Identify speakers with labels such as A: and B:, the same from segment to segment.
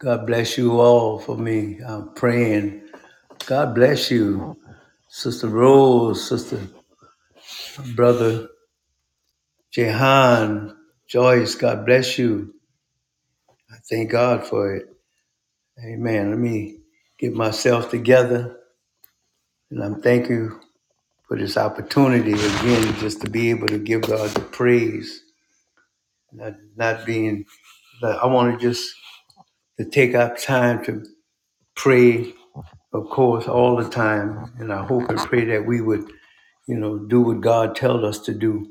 A: God bless you all for me. I'm praying. God bless you, Sister Rose, Sister Brother Jehan, Joyce. God bless you. I thank God for it. Amen. Let me get myself together, and I'm thank you for this opportunity again, just to be able to give God the praise, not, not being but I want to just to take our time to pray, of course, all the time. And I hope and pray that we would you know, do what God tells us to do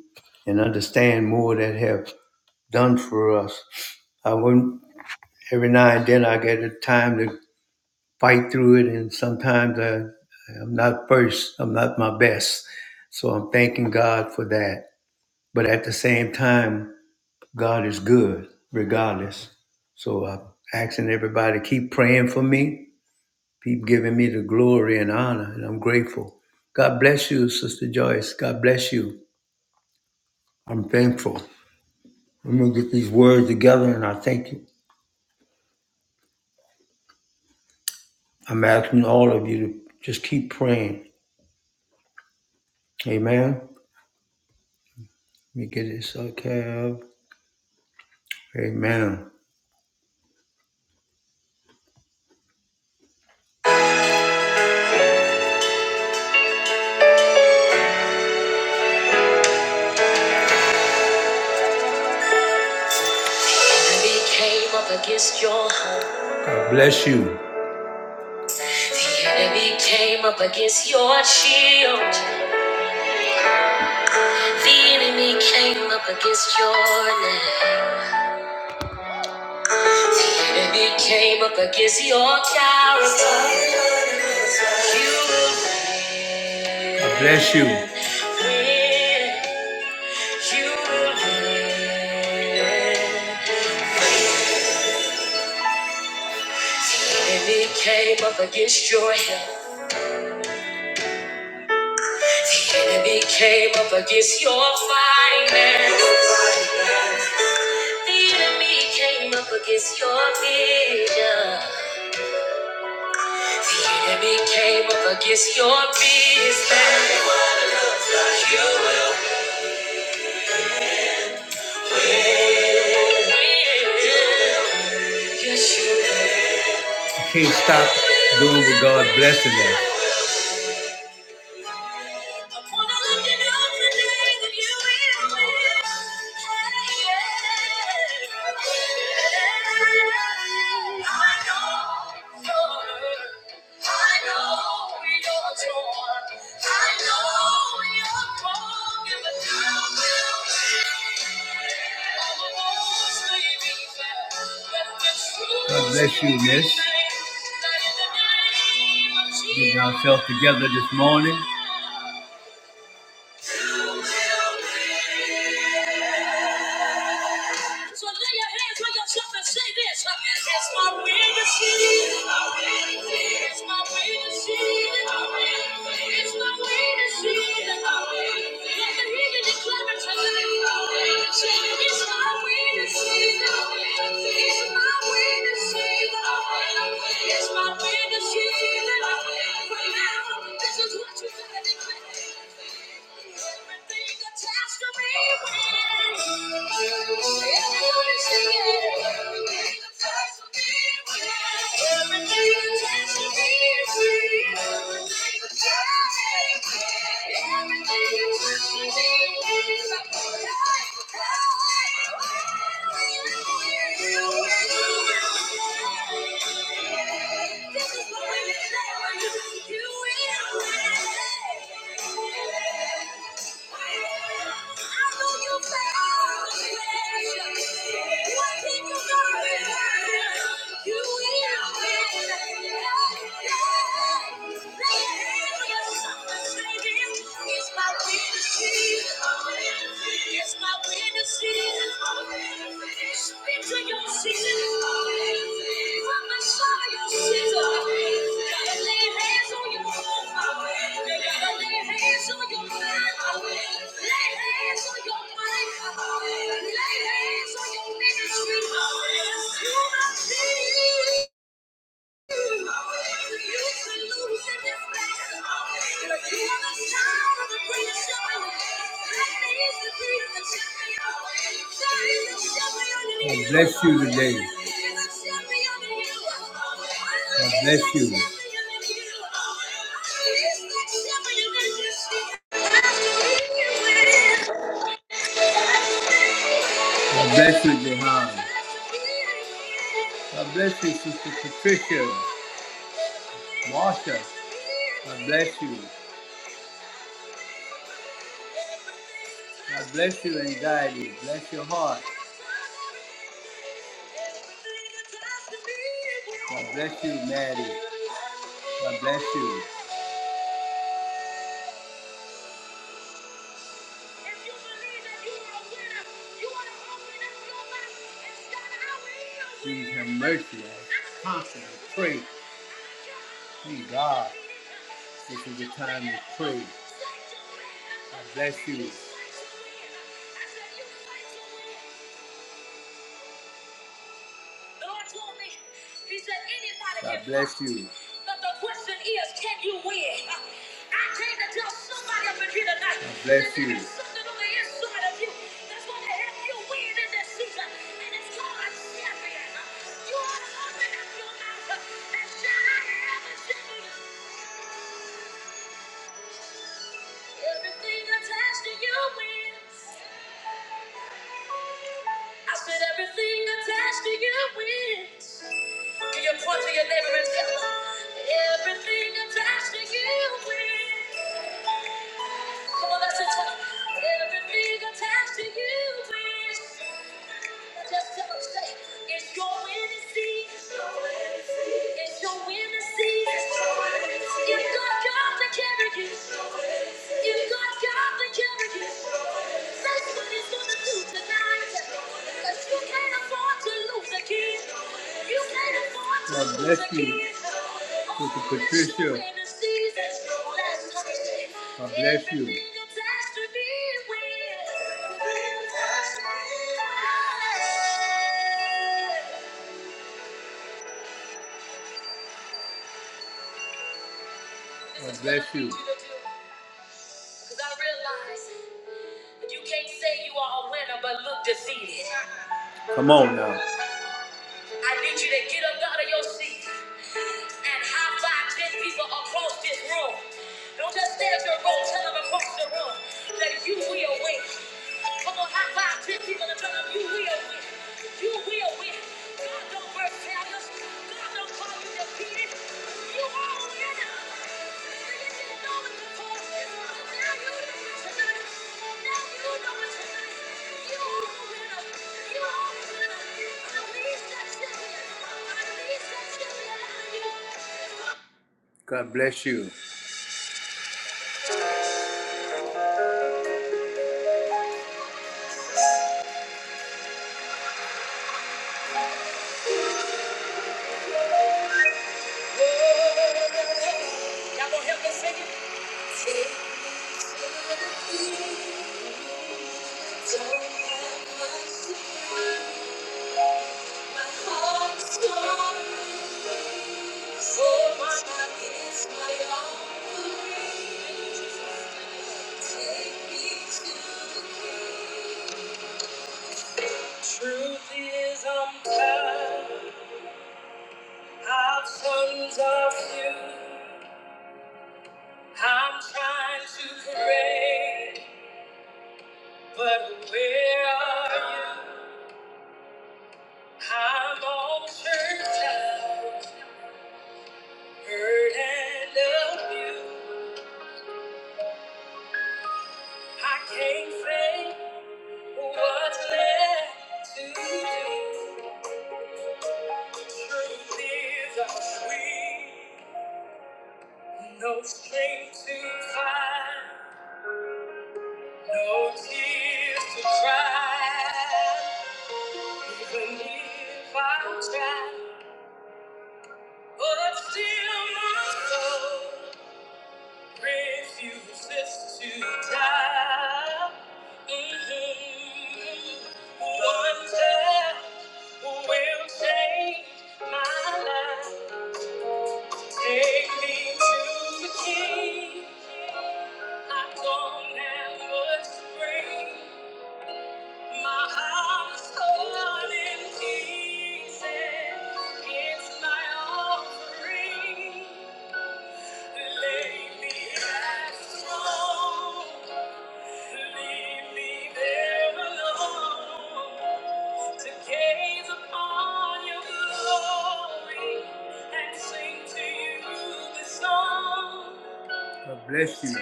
A: and understand more that have done for us. I wouldn't, every now and then I get a time to fight through it, and sometimes I, I'm not first, I'm not my best. So I'm thanking God for that. But at the same time, God is good regardless. So I'm asking everybody to keep praying for me, keep giving me the glory and honor, and I'm grateful. God bless you, Sister Joyce. God bless you. I'm thankful. I'm going to get these words together, and I thank you. I'm asking all of you to just keep praying. Amen. Let me get this okay. Amen. Enemy came up against your home. God bless you. The enemy came up against your shield. The enemy came up against your name. The enemy came up against your character. You will win. God bless you. Win. You will win. The enemy came up against your health. The enemy came up against your finances. The enemy came up against your vision. The enemy came up against your business. You will win. Yes, you will. Can't stop doing what God blessing us. I wanna look it up the that you will win. Hey, yeah. I know you're hurt. I know you're torn. I know you're broken, but you will win. All the walls may be fair, but the truth God bless you, will miss. That in the name of Getting ourselves together this morning. So lay your hands on yourself and say this. It's my way to see. It's my way to see. It's my way to see. Let the heathen declare it tonight. Say, It's my way to see. It's my way to see. It's my way to see. For now, this is what you. Everything attached to me. It's my my witness. It's my witness, witness, it's your season. Prophesy your season. Gotta lay hands on your home. Gotta Lay hands on your mind. Lay hands on your mind. Lay hands on your ministry. You must be. God bless you today. God bless you. God bless you, Jehan. God bless you, Sister Patricia. Master, God bless you. God bless you and guide you. Bless your heart. God bless you, Mary. God bless you. Please have mercy. on us. Please. This is the time to pray. God bless you. The Lord told me, He said, anybody God can bless fight, you. But the question is, can you win? I came to tell somebody up in here tonight. God bless that there you. is something on the inside of you that's going to help you win in this season. And it's called a champion. You ought to open up your mouth and shout, I am a champion. Everything attached to you wins. I said, everything attached to you wins. Can you point to your neighbor and tell them everything attached to you wins? Come on, that's us just tell them everything attached to you wins. Now Just tell them, say, it's your winning season. It's your winning season. It's your winning season. It's your winning season. You've got God to carry you. You've got God to carry you. God bless you. Sister Patricia. God bless you. Everything attached to Bless you. Because I realize you can't say you are a winner but look defeated. Come on now. I need you to get up out of your seat. and high five 10 people across this room. Don't just stay at your room, tell them across the room that you will win. Come on, high five 10 people and tell them you will win. You will win. God don't birth failures. God don't call you defeated. You are a winner. You if not know it before, now you know it tonight. Now you know it tonight. You are a winner. You are a winner. Release that champion. Release that champion. God bless you. Y'all gonna help me sing it? oh Truth is I'm tired of sons of you. I'm trying to pray, but where are you? I'm all church out. heard and loved you. I can't say what's left to do. Truth is, I'm weak, no strength to find, no tears to cry. Even if I try, but still my soul refuses to die. Mhm. One time. will change my life. Take me to the King. I don't have much to bring. My heart is torn in pieces. It's my offering. Lay me at His throne. God bless you.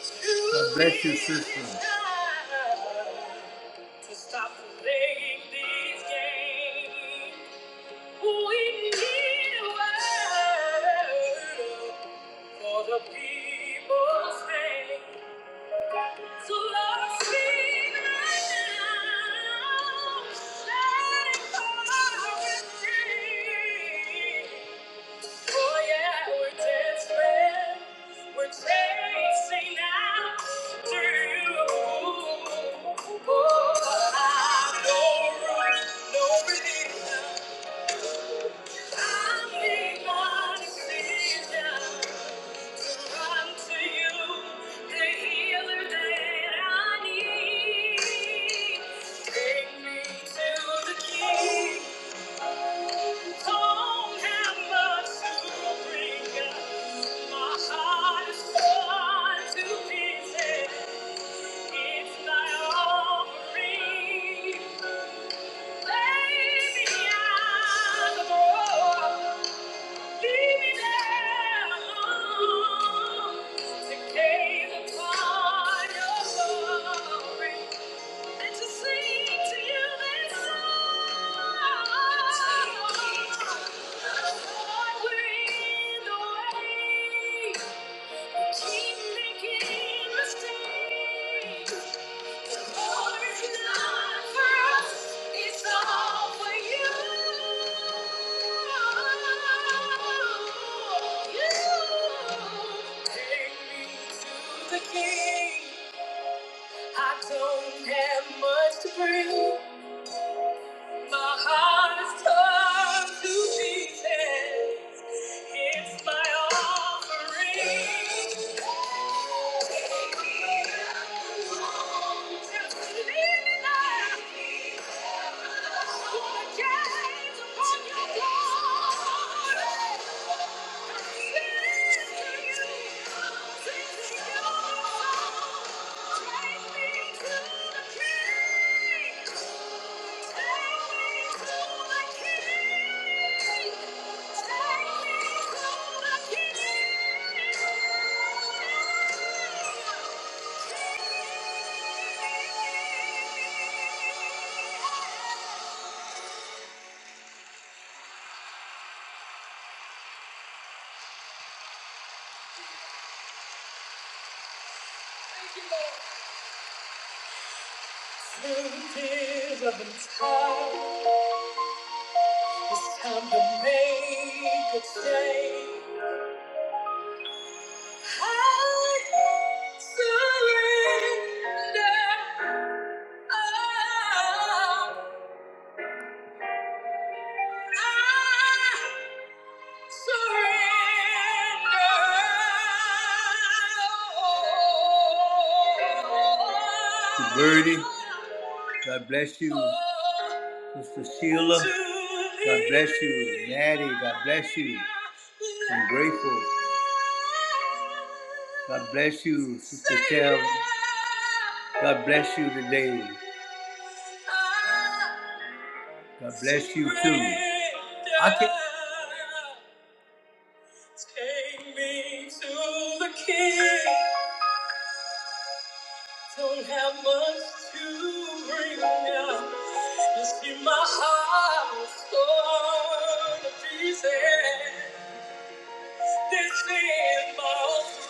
A: God bless you, sister. To stop playing these games. We need a word for the people's sake. So Lord, speak right now. Let it fall with me. Oh yeah, we're desperate. We're chasing after you. Oh, I've no room, no relief. I need my decision to run to you, the healer that I need. Take me to the King. Don't have much to bring up. My heart is torn to pieces. It's thy offering. Lay me at the door. Leave me there alone to gaze upon your glory. And to sing to you this song. We're in the Keep making mistakes. For it's not it's all for you. You take me to the king. I don't have much to bring. My heart is torn to pieces. It's my offering. Just leave leaning out. Wanna gaze upon your glory. Thank you, Lord. Truth is of its time. It's time to make a change. I surrender. Oh, I. Surrender. Birdie, God bless you. Sister Sheila, God bless you. Maddie, God bless you. I'm grateful. God bless you, Sister Tab. God bless you today. God bless you too. I can. Take me to the king. Don't have much to bring now. You see my heart was torn to pieces. This is my offering.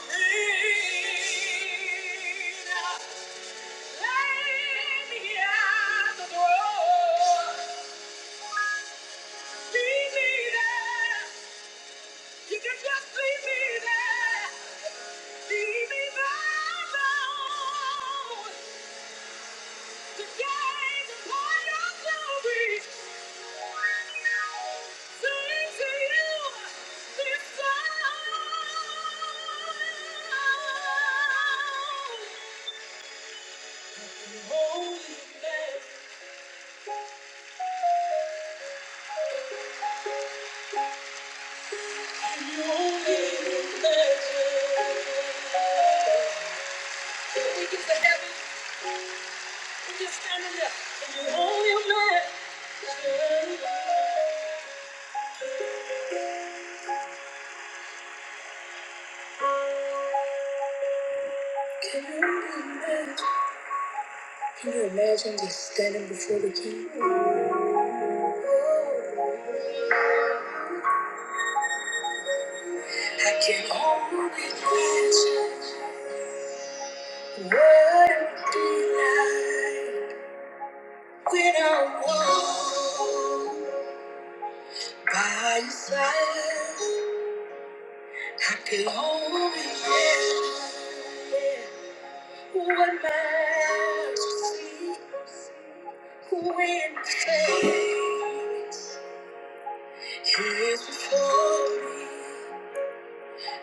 A: Lay me at the door. Meet me there. You can just leave me there. Leave me there alone. To gaze upon your glory. Sing to you this song. You only live. You only live. When we get to heaven, we just standing there. And you hold me live. Can you imagine just standing before the king? I can only imagine what it would be like when I walk by your side. I can only imagine what my eyes would see when the face is before me.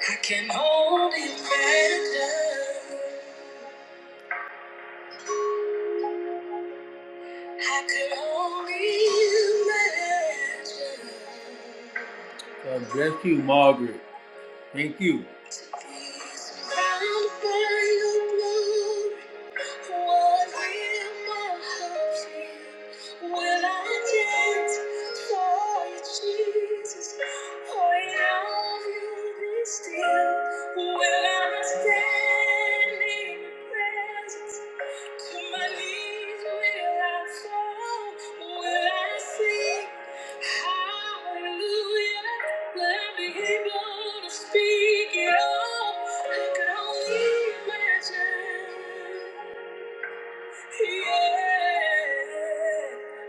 A: I can only imagine. I could only imagine. God bless you, Margaret. Thank you. Will I sing? Hallelujah, let me be able to speak it all. I I only only imagine. imagine. Yeah,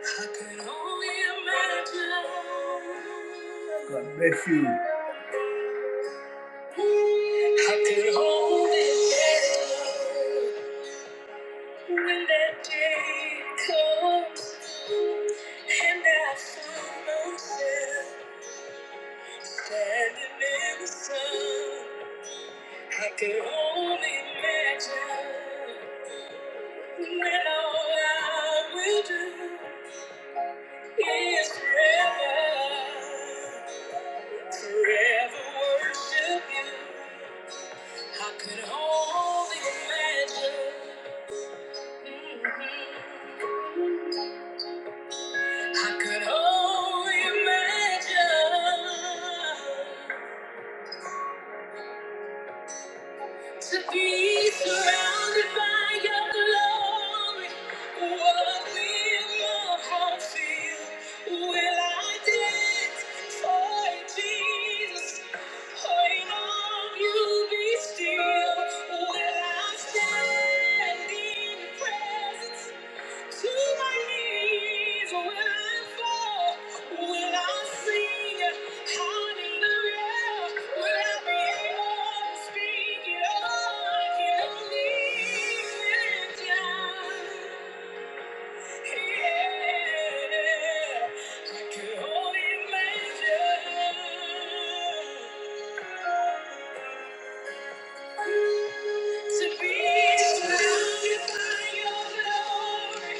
A: I can only imagine. God bless you. I could only imagine when that day comes and I find myself Standing in the sun, I could only imagine when all I will do is forever, forever worship you. I could only imagine. Mhm. I could only imagine. To be surrounded by your glory, what will my heart feel? Will I dance for Jesus? Point of you be still. Will I stand in your presence? To my knees will I fall? Will I sing hallelujah? Will I be able to speak it all? I can only lift it down. Yeah, I can only imagine to be surrounded by your glory.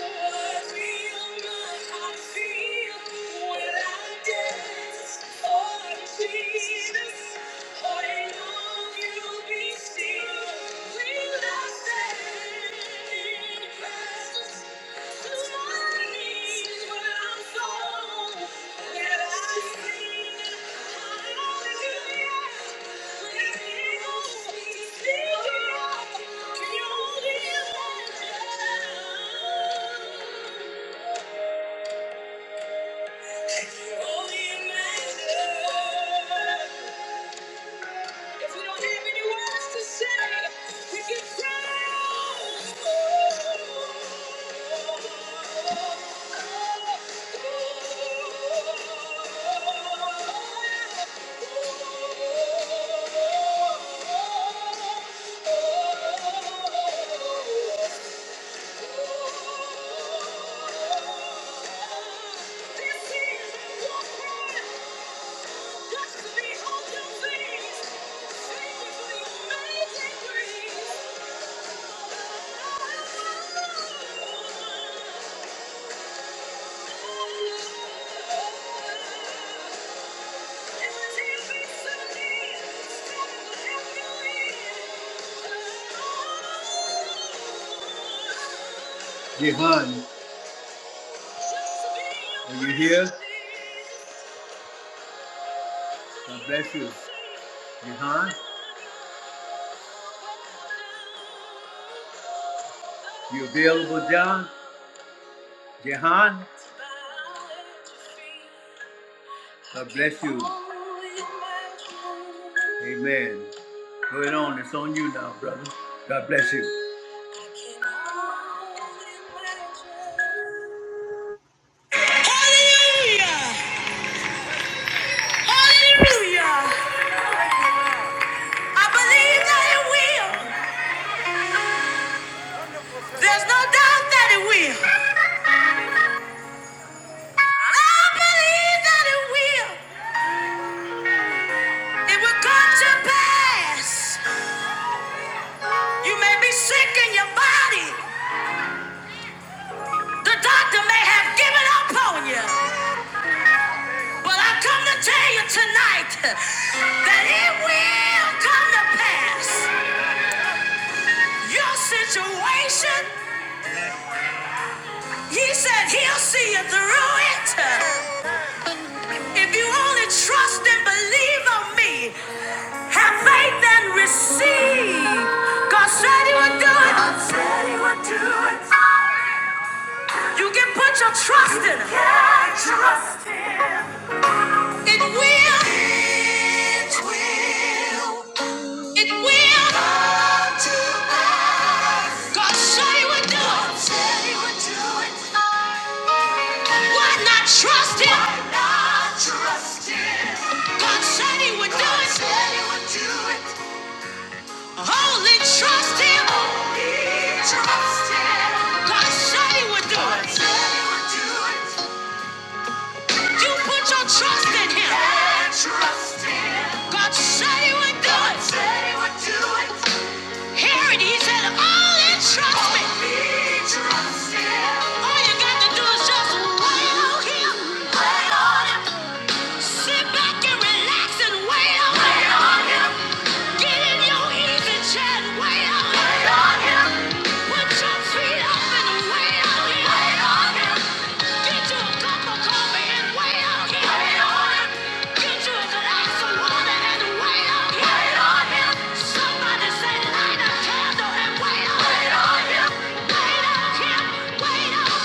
A: Oh, I feel my, I feel when I dance. Oh, Jesus, all in all you be still. When I stand in your presence. Thank you. If we don't have any words to say, we can cry pray. Jehan, are you here? God bless you. Jehan, you available, John? Jehan? God bless you. Amen. Go ahead on. It's on you now, brother. God bless you.
B: Hallelujah! Hallelujah! I believe that it will. There's no doubt that it will. I believe that it will. It will come to pass. You may be sick in your body. The doctor may have given up on you. But I come to tell you tonight that it will come to pass. Your situation, he said he'll see you through it. If you only trust and believe on me, have faith and receive. God said he would do it. God said he would do it. You can put your trust in him. Yeah, trust him. It will. It will. It will. Come to God said he would do it. said he would do it. Why not trust him? Why not trust him? God said he would do it. said he would do it. Only trust him. Only trust him. God said he would do it. said he would do it. You put your trust in him. Yeah, trust him. God said he would do it. said he would do it. Herod, he said, all entrusted. All entrusted. All you got to do is just wait on him. Wait on him. Sit back and relax and wait on him. Wait on him. Get in your easy chair and wait out here. Put your feet up and wait out here. Get you a cup of coffee and wait out here. Wait out here. Get you a glass and wait out here. Somebody say light a candle and wait out here. Wait out here. Wait out here. Wait out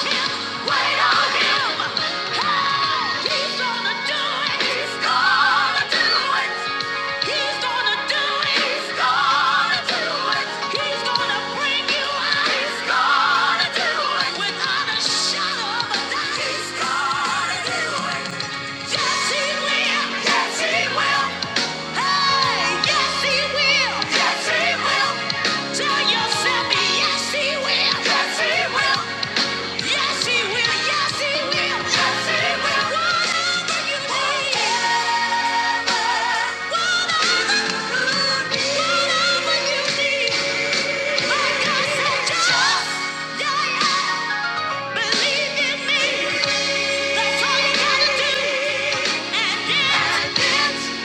B: Tell yourself, yes, he will. Yes, he will. Yes, he will. Yes, he will. Yes, he will. Whatever you need. Whatever. you need. Whatever you need. My God said, just, yeah, yeah. Believe in me. That's all you gotta do. And it, it,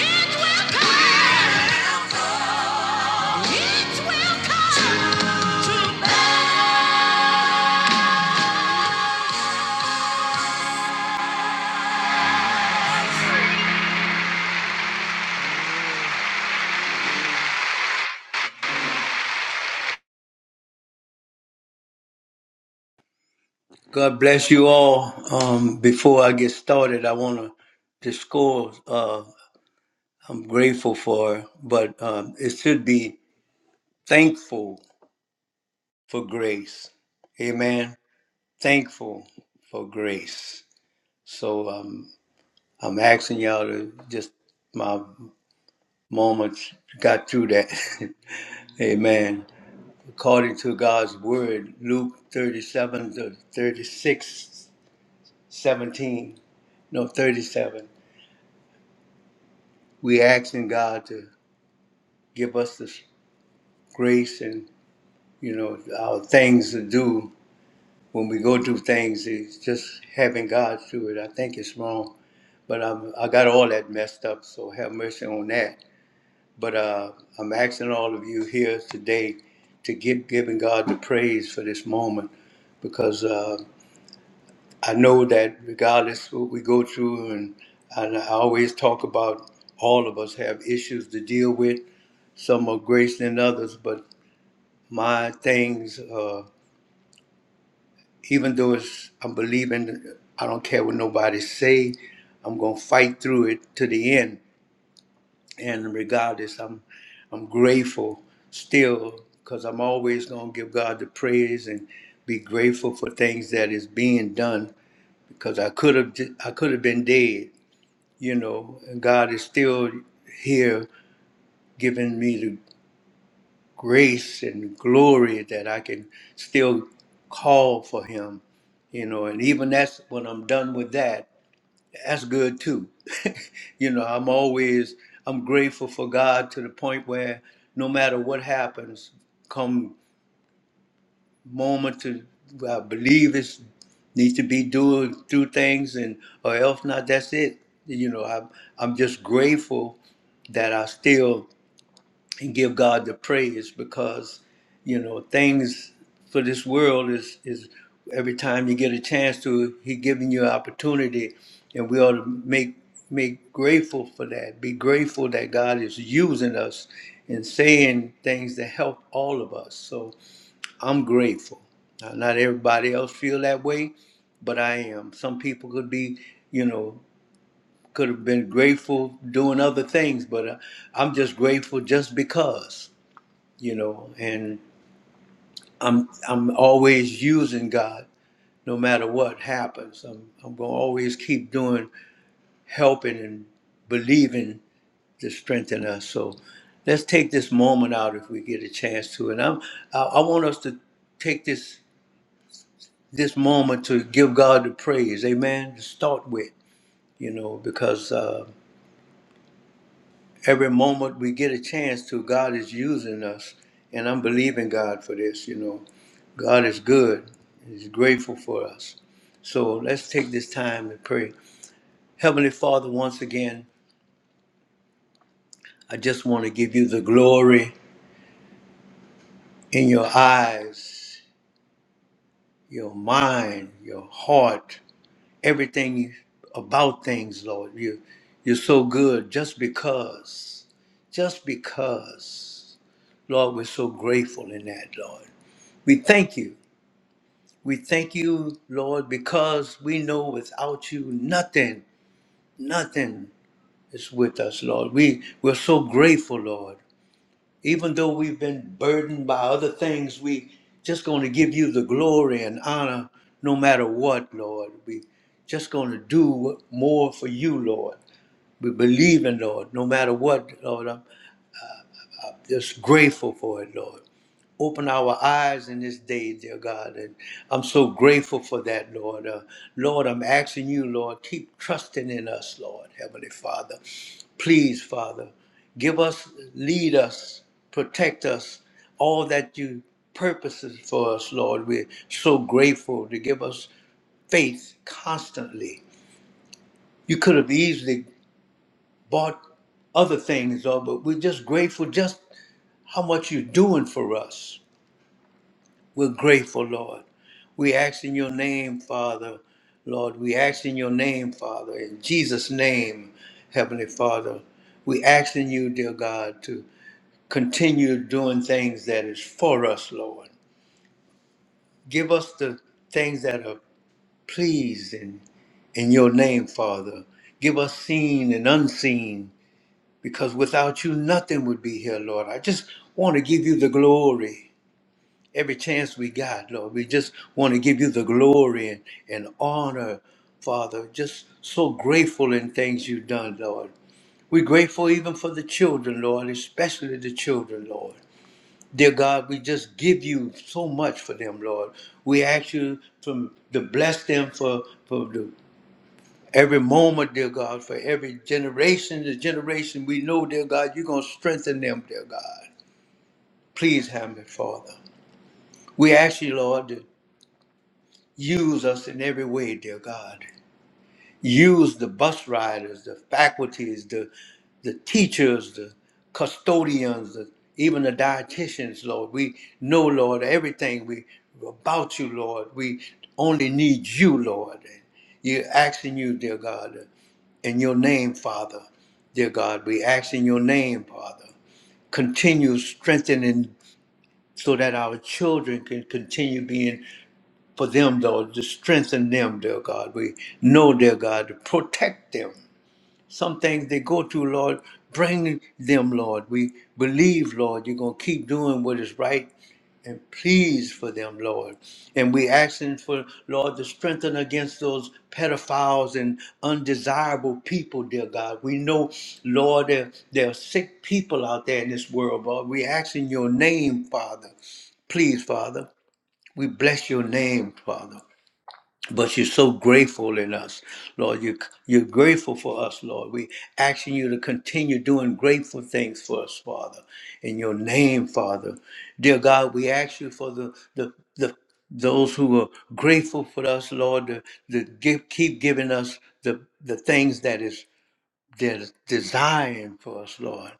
B: it will come. It will come. To pass.
A: God bless you all. Um, before I get started, I want to discourse. Uh, I'm grateful for, but um, it should be thankful for grace. Amen. Thankful for grace. So um, I'm asking y'all to just my moments got through that. Amen. According to God's word, Luke 37 to 36, 17. no, 37, we asking God to give us this grace and, you know, our things to do when we go through things. It's just having God through it. I think it's wrong, but I'm, I got all that messed up, so have mercy on that. But uh, I'm asking all of you here today to give giving God the praise for this moment because uh, I know that regardless what we go through, and, and I always talk about all of us have issues to deal with. Some are greater than others, but my things, uh, even though it's, I'm believing, I don't care what nobody say, I'm gonna fight through it to the end and regardless, I'm I'm grateful still because I'm always gonna give God the praise and be grateful for things that is being done because I could have I could have been dead, you know, and God is still here giving me the grace and glory that I can still call for Him, you know, and even that's when I'm done with that that's good too. you know, I'm always I'm grateful for God to the point where no matter what happens, come moment to I believe it's needs to be doing through things and or else not that's it. You know, I'm I'm just grateful that I still and give God the praise because you know things for this world is is every time you get a chance to he giving you an opportunity and we ought to make make grateful for that be grateful that God is using us and saying things that help all of us so I'm grateful now, not everybody else feel that way but I am some people could be you know could have been grateful doing other things but uh, I'm just grateful just because you know and i'm i'm always using god no matter what happens i'm i'm going to always keep doing helping and believing to strengthen us so let's take this moment out if we get a chance to and i'm i, I want us to take this this moment to give god the praise amen to start with you know because uh every moment we get a chance to god is using us and i'm believing god for this you know God is good. He's grateful for us. So let's take this time and pray. Heavenly Father, once again, I just want to give you the glory in your eyes, your mind, your heart, everything about things, Lord. You, you're so good just because, just because. Lord, we're so grateful in that, Lord. We thank you. We thank you, Lord, because we know without you nothing, nothing is with us, Lord. We we're so grateful, Lord. Even though we've been burdened by other things, we just going to give you the glory and honor no matter what, Lord. We just going to do more for you, Lord. We believe in Lord, no matter what, Lord. I'm just grateful for it, Lord. Open our eyes in this day, dear God. And I'm so grateful for that, Lord. Uh, Lord, I'm asking you, Lord, keep trusting in us, Lord, Heavenly Father. Please, Father, give us, lead us, protect us, all that you purposes for us, Lord. We're so grateful to give us faith constantly. You could have easily bought other things, Lord, but we're just grateful just how much you're doing for us. We're grateful, Lord. We ask in your name, Father. Lord, we ask in your name, Father. In Jesus' name, Heavenly Father. We ask in you, dear God, to continue doing things that is for us, Lord. Give us the things that are pleasing in your name, Father. Give us seen and unseen, because without you, nothing would be here, Lord. I just want to give you the glory. every chance we got, Lord. We just want to give you the glory and, and honor, Father. Just so grateful in things you've done, Lord. We're grateful even for the children, Lord, especially the children, Lord. Dear God, we just give you so much for them, Lord. We ask you to, to bless them for, for the, every moment, dear God, for every generation to generation. We know, dear God, you're going to strengthen them, dear God. Please, Heavenly Father. We ask you, Lord, Use us in every way, dear God. Use the bus riders, the faculties, the, the teachers, the custodians, the, even the dietitians, Lord. We know, Lord, everything we about you, Lord. We only need you, Lord. And you're asking you, dear God, in your name, Father. Dear God, we ask in your name, Father. Continue strengthening so that our children can continue being for them, though, to strengthen them, dear God. We know, dear God, to protect them. Some things they go through, Lord, bring them, Lord. We believe, Lord, you're going to keep doing what is right and please for them, Lord. And we asking for, Lord, to strengthen against those pedophiles and undesirable people, dear God. We know, Lord, there, there are sick people out there in this world, Lord. We asking your name, Father. Please, Father, we bless your name, Father. But you're so grateful in us, Lord. You, you're grateful for us, Lord. We asking you to continue doing grateful things for us, Father. In your name, Father. Dear God, we ask you for the, the, the those who are grateful for us, Lord, to, to give, keep giving us the, the things that is that is desiring for us, Lord.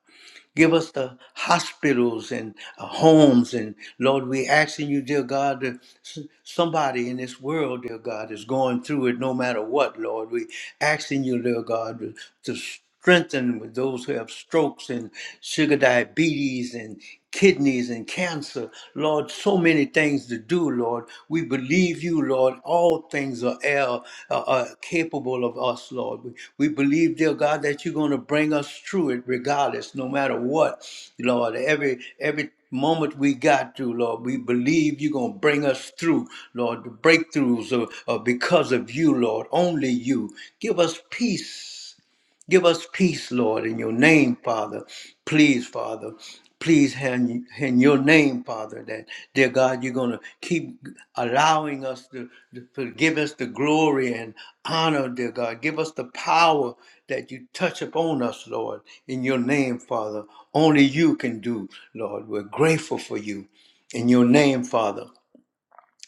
A: Give us the hospitals and uh, homes. And Lord, we asking you, dear God, that s- somebody in this world, dear God, is going through it no matter what, Lord. We asking you, dear God, to to strengthen with those who have strokes and sugar diabetes and kidneys and cancer. Lord, so many things to do, Lord. We believe you, Lord. All things are, are, are capable of us, Lord. We, we believe, dear God, that you're going to bring us through it regardless, no matter what, Lord. Every, every moment we got through, Lord. We believe you're going to bring us through, Lord. The breakthroughs are, are because of you, Lord. Only you. Give us peace. Give us peace, Lord, in your name, Father. Please, Father. Please, in in your name, Father, that, dear God, you're going to keep allowing us to, to to give us the glory and honor, dear God. Give us the power that you touch upon us, Lord, in your name, Father. Only you can do, Lord. We're grateful for you. In your name, Father.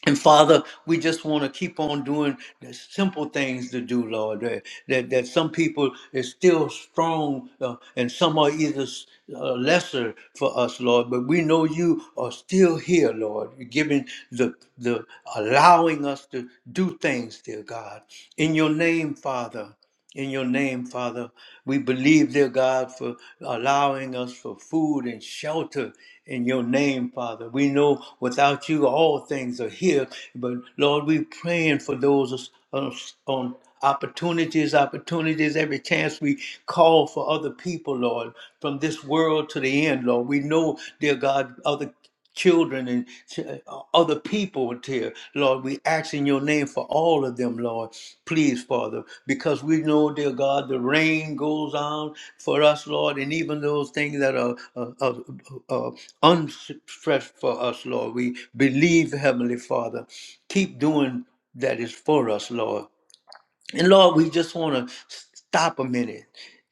A: And Father, we just want to keep on doing the simple things to do, Lord. That, that, that some people is still strong uh, and some are either uh, lesser for us, Lord. But we know you are still here, Lord, You're giving the, the allowing us to do things, dear God. In your name, Father in your name, Father. We believe, dear God, for allowing us for food and shelter in your name, Father. We know without you all things are here, but Lord, we're praying for those uh, on opportunities, opportunities, every chance we call for other people, Lord, from this world to the end, Lord. We know, dear God, other children and ch- uh, other people, dear Lord. We ask in your name for all of them, Lord. Please, Father, because we know, dear God, the rain goes on for us, Lord, and even those things that are uh, uh, uh, uh, unstressed for us, Lord. We believe, Heavenly Father, keep doing that is for us, Lord. And Lord, we just want to stop a minute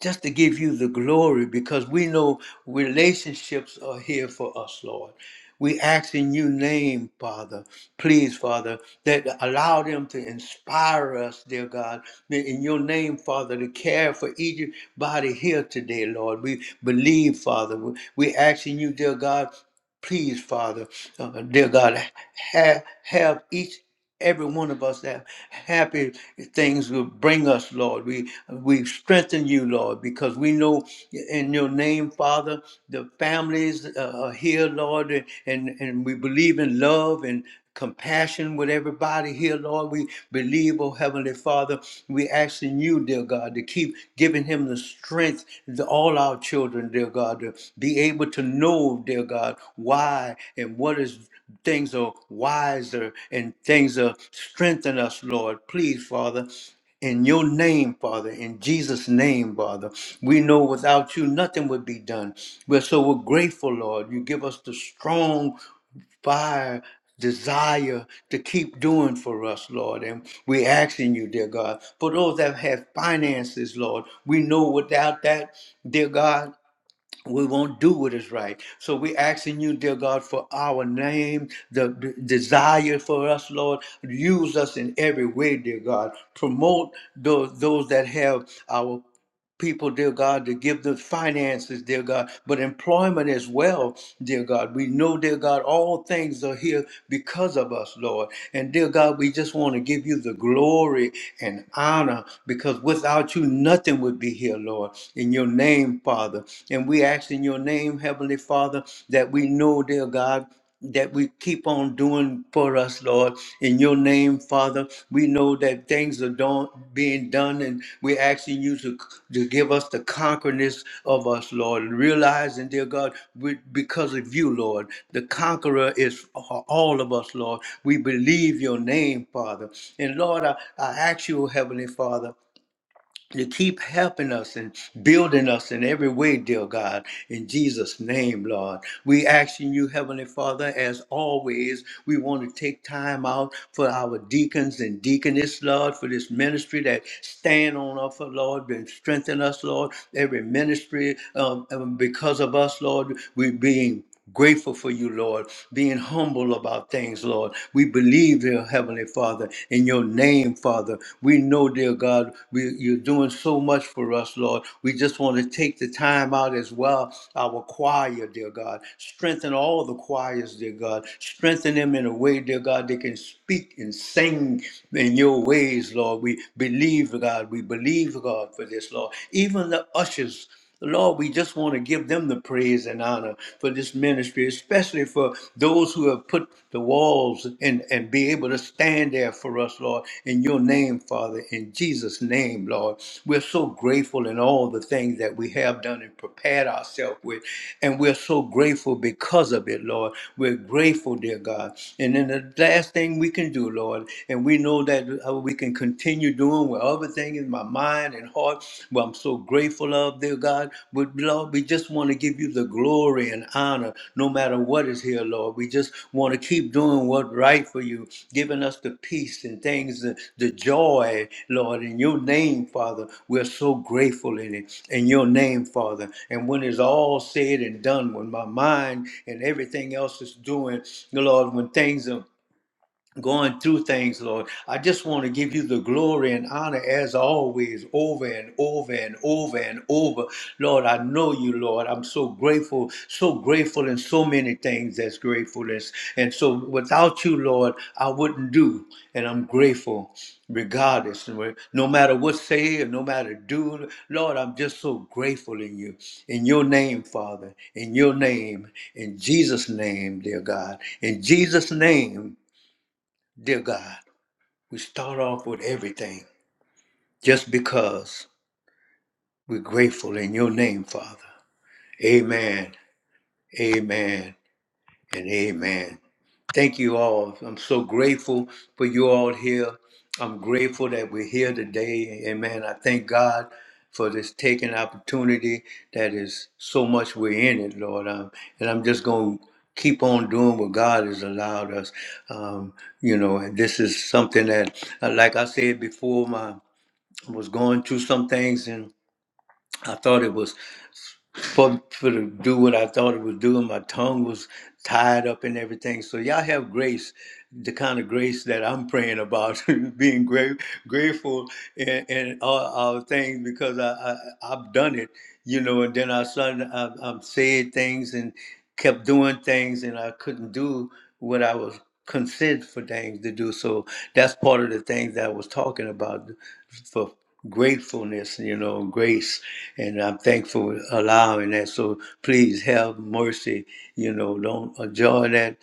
A: just to give you the glory because we know relationships are here for us, Lord. We ask in your name, Father, please, Father, that allow them to inspire us, dear God. That In your name, Father, to care for each body here today, Lord. We believe, Father. We we ask in you, dear God, please, Father, uh, dear God, have have each every one of us have happy things will bring us, Lord. We we strengthen you, Lord, because we know in your name, Father, the families uh, are here, Lord, and and we believe in love and compassion with everybody here, Lord. We believe, oh Heavenly Father, we asking you, dear God, to keep giving him the strength to all our children, dear God, to be able to know, dear God, why and what is things are wiser and things are strengthen us, Lord. Please, Father. In your name, Father, in Jesus' name, Father, we know without you nothing would be done. We're so we're grateful, Lord. You give us the strong fire, desire to keep doing for us, Lord. And we asking you, dear God, for those that have finances, Lord, we know without that, dear God, we won't do what is right. So we asking you, dear God, for our name, the d- desire for us, Lord. Use us in every way, dear God. Promote those, those that have our people, dear God, to give them finances, dear God, but employment as well, dear God. We know, dear God, all things are here because of us, Lord. And dear God, we just want to give you the glory and honor because without you, nothing would be here, Lord. In your name, Father. And we ask in your name, Heavenly Father, that we know, dear God, that we keep on doing for us, Lord. In your name, Father, we know that things are done, being done, and we're asking you to, to give us the conquerness of us, Lord. Realizing, dear God, we, because of you, Lord, the conqueror is all of us, Lord. We believe your name, Father. And Lord, I, I ask you, Heavenly Father, you keep helping us and building us in every way, dear God. In Jesus' name, Lord. We asking you, Heavenly Father, as always, we want to take time out for our deacons and deaconess, Lord, for this ministry that stand on us, for Lord, and strengthen us, Lord. Every ministry, um, um, because of us, Lord, we being Grateful for you, Lord, being humble about things, Lord. We believe, dear Heavenly Father, in your name, Father. We know, dear God, we, you're doing so much for us, Lord. We just want to take the time out as well, our choir, dear God. Strengthen all the choirs, dear God. Strengthen them in a way, dear God, they can speak and sing in your ways, Lord. We believe, God. We believe, God, for this, Lord. Even the ushers. Lord, we just want to give them the praise and honor for this ministry, especially for those who have put the walls and, and be able to stand there for us, Lord, in your name, Father, in Jesus' name, Lord. We're so grateful in all the things that we have done and prepared ourselves with, and we're so grateful because of it, Lord. We're grateful, dear God. And then the last thing we can do, Lord, and we know that uh, we can continue doing doing, with everything in my mind and heart, what I'm so grateful of, dear God. But Lord, we just want to give you the glory and honor no matter what is here, Lord. We just want to keep doing what's right for you, giving us the peace and things, the, the joy, Lord, in your name, Father. We're so grateful in it, in your name, Father. And when it's all said and done, when my mind and everything else is doing, Lord, when things are going through things, Lord. I just want to give you the glory and honor as always, over and over and over and over. Lord, I know you, Lord. I'm so grateful, so grateful in so many things that's gratefulness. And so without you, Lord, I wouldn't do. And I'm grateful regardless. And we- No matter what say or no matter do, Lord, I'm just so grateful in you. In your name, Father. In your name. In Jesus' name, dear God. In Jesus' name. Dear God, we start off with everything just because we're grateful in your name, Father. Amen. Amen. and amen. Thank you all. I'm so grateful for you all here. I'm grateful that we're here today. Amen. I thank God for this taking opportunity that is so much we're in it, Lord. Um, and I'm just going to keep on doing what God has allowed us. Um, you know, and this is something that, uh, like I said before, my I was going through some things and I thought it was for for to do what I thought it was doing. My tongue was tied up and everything. So y'all have grace, the kind of grace that I'm praying about, being gra- grateful and, and all all things because I, I I've done it, you know. And then I suddenly I, I said things and kept doing things, and I couldn't do what I was considered for things to do. So that's part of the things that I was talking about for gratefulness, you know, grace and I'm thankful for allowing that. So please have mercy. You know, don't enjoy that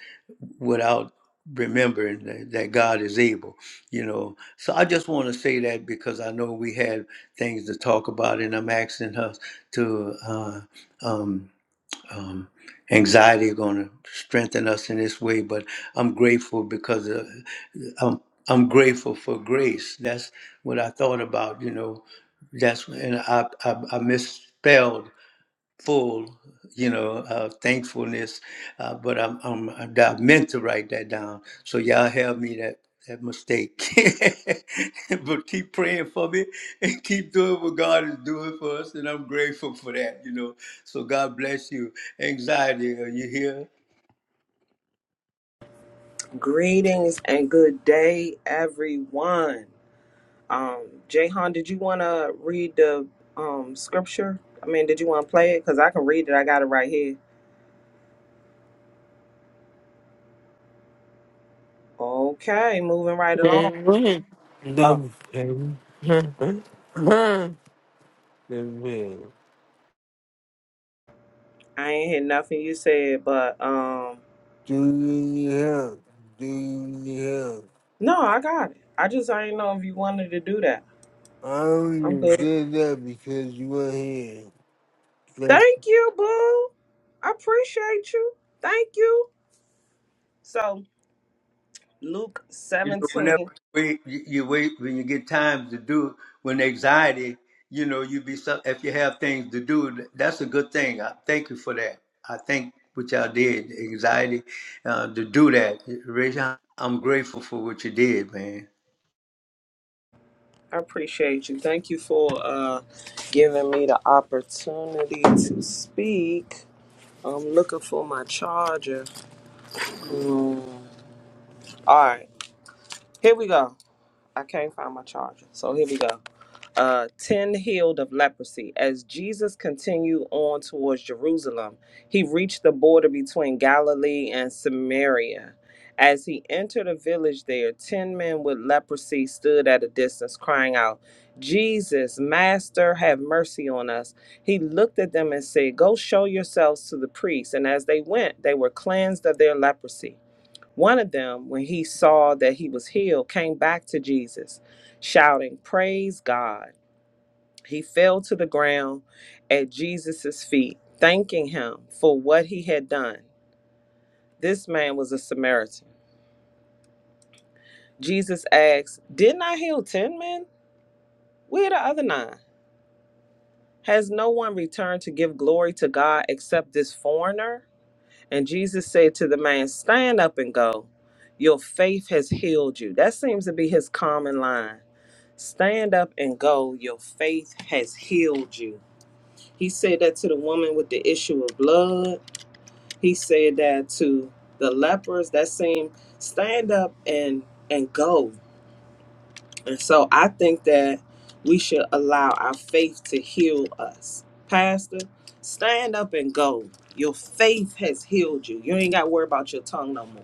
A: without remembering that, that God is able. You know, so I just want to say that because I know we had things to talk about, and I'm asking her to. Uh, um, um, anxiety are going to strengthen us in this way. But I'm grateful because uh, I'm I'm grateful for grace. That's what I thought about. You know, that's and I I, I misspelled full, you know, uh, thankfulness. Uh, but I'm, I'm, I meant to write that down. So y'all have me that that mistake. but keep praying for me and keep doing what God is doing for us. And I'm grateful for that, you know. So God bless you. Anxiety, are you here?
C: Greetings and good day, everyone. Um, Jahan, did you want to read the um scripture? I mean, did you want to play it? Cause I can read it. I got it right here. Okay, moving right along.
B: Amen.
C: Oh,
B: Amen. Amen.
C: I ain't hear nothing you said, but um,
B: Do you help? Do you help?
C: no, I got it. I just I didn't know if you wanted to do that.
B: I
C: I'm
B: only
C: good.
B: did that because you were here. That's-
C: Thank you, boo. I appreciate you. Thank you. So Luke
A: You know, whenever
C: 17.
A: you wait, you you wait when you get time to do. When anxiety, you know, you be some. If you have things to do, that's a good thing. I thank you for that. I thank what y'all did. Anxiety uh, to do that. Rachel, I'm grateful for what you did, man.
C: I appreciate you. Thank you for uh, giving me the opportunity to speak. I'm looking for my charger. Hmm. All right, here we go. I can't find my charger, so here we go. uh, 10 healed of leprosy. As Jesus continued on towards Jerusalem, he reached the border between Galilee and Samaria. As he entered a village there, 10 men with leprosy stood at a distance, crying out, Jesus, Master, have mercy on us. He looked at them and said, Go show yourselves to the priests. And as they went, they were cleansed of their leprosy. One of them, when he saw that he was healed, came back to Jesus, shouting, Praise God. He fell to the ground at Jesus' feet, thanking him for what he had done. This man was a Samaritan. Jesus asked, Didn't I heal 10 men? Where are the other nine? Has no one returned to give glory to God except this foreigner? And Jesus said to the man, Stand up and go. Your faith has healed you. That seems to be his common line. Stand up and go. Your faith has healed you. He said that to the woman with the issue of blood. He said that to the lepers that same stand up and and go. And so I think that we should allow our faith to heal us. Pastor, stand up and go. Your faith has healed you. You ain't got to worry about your tongue no more.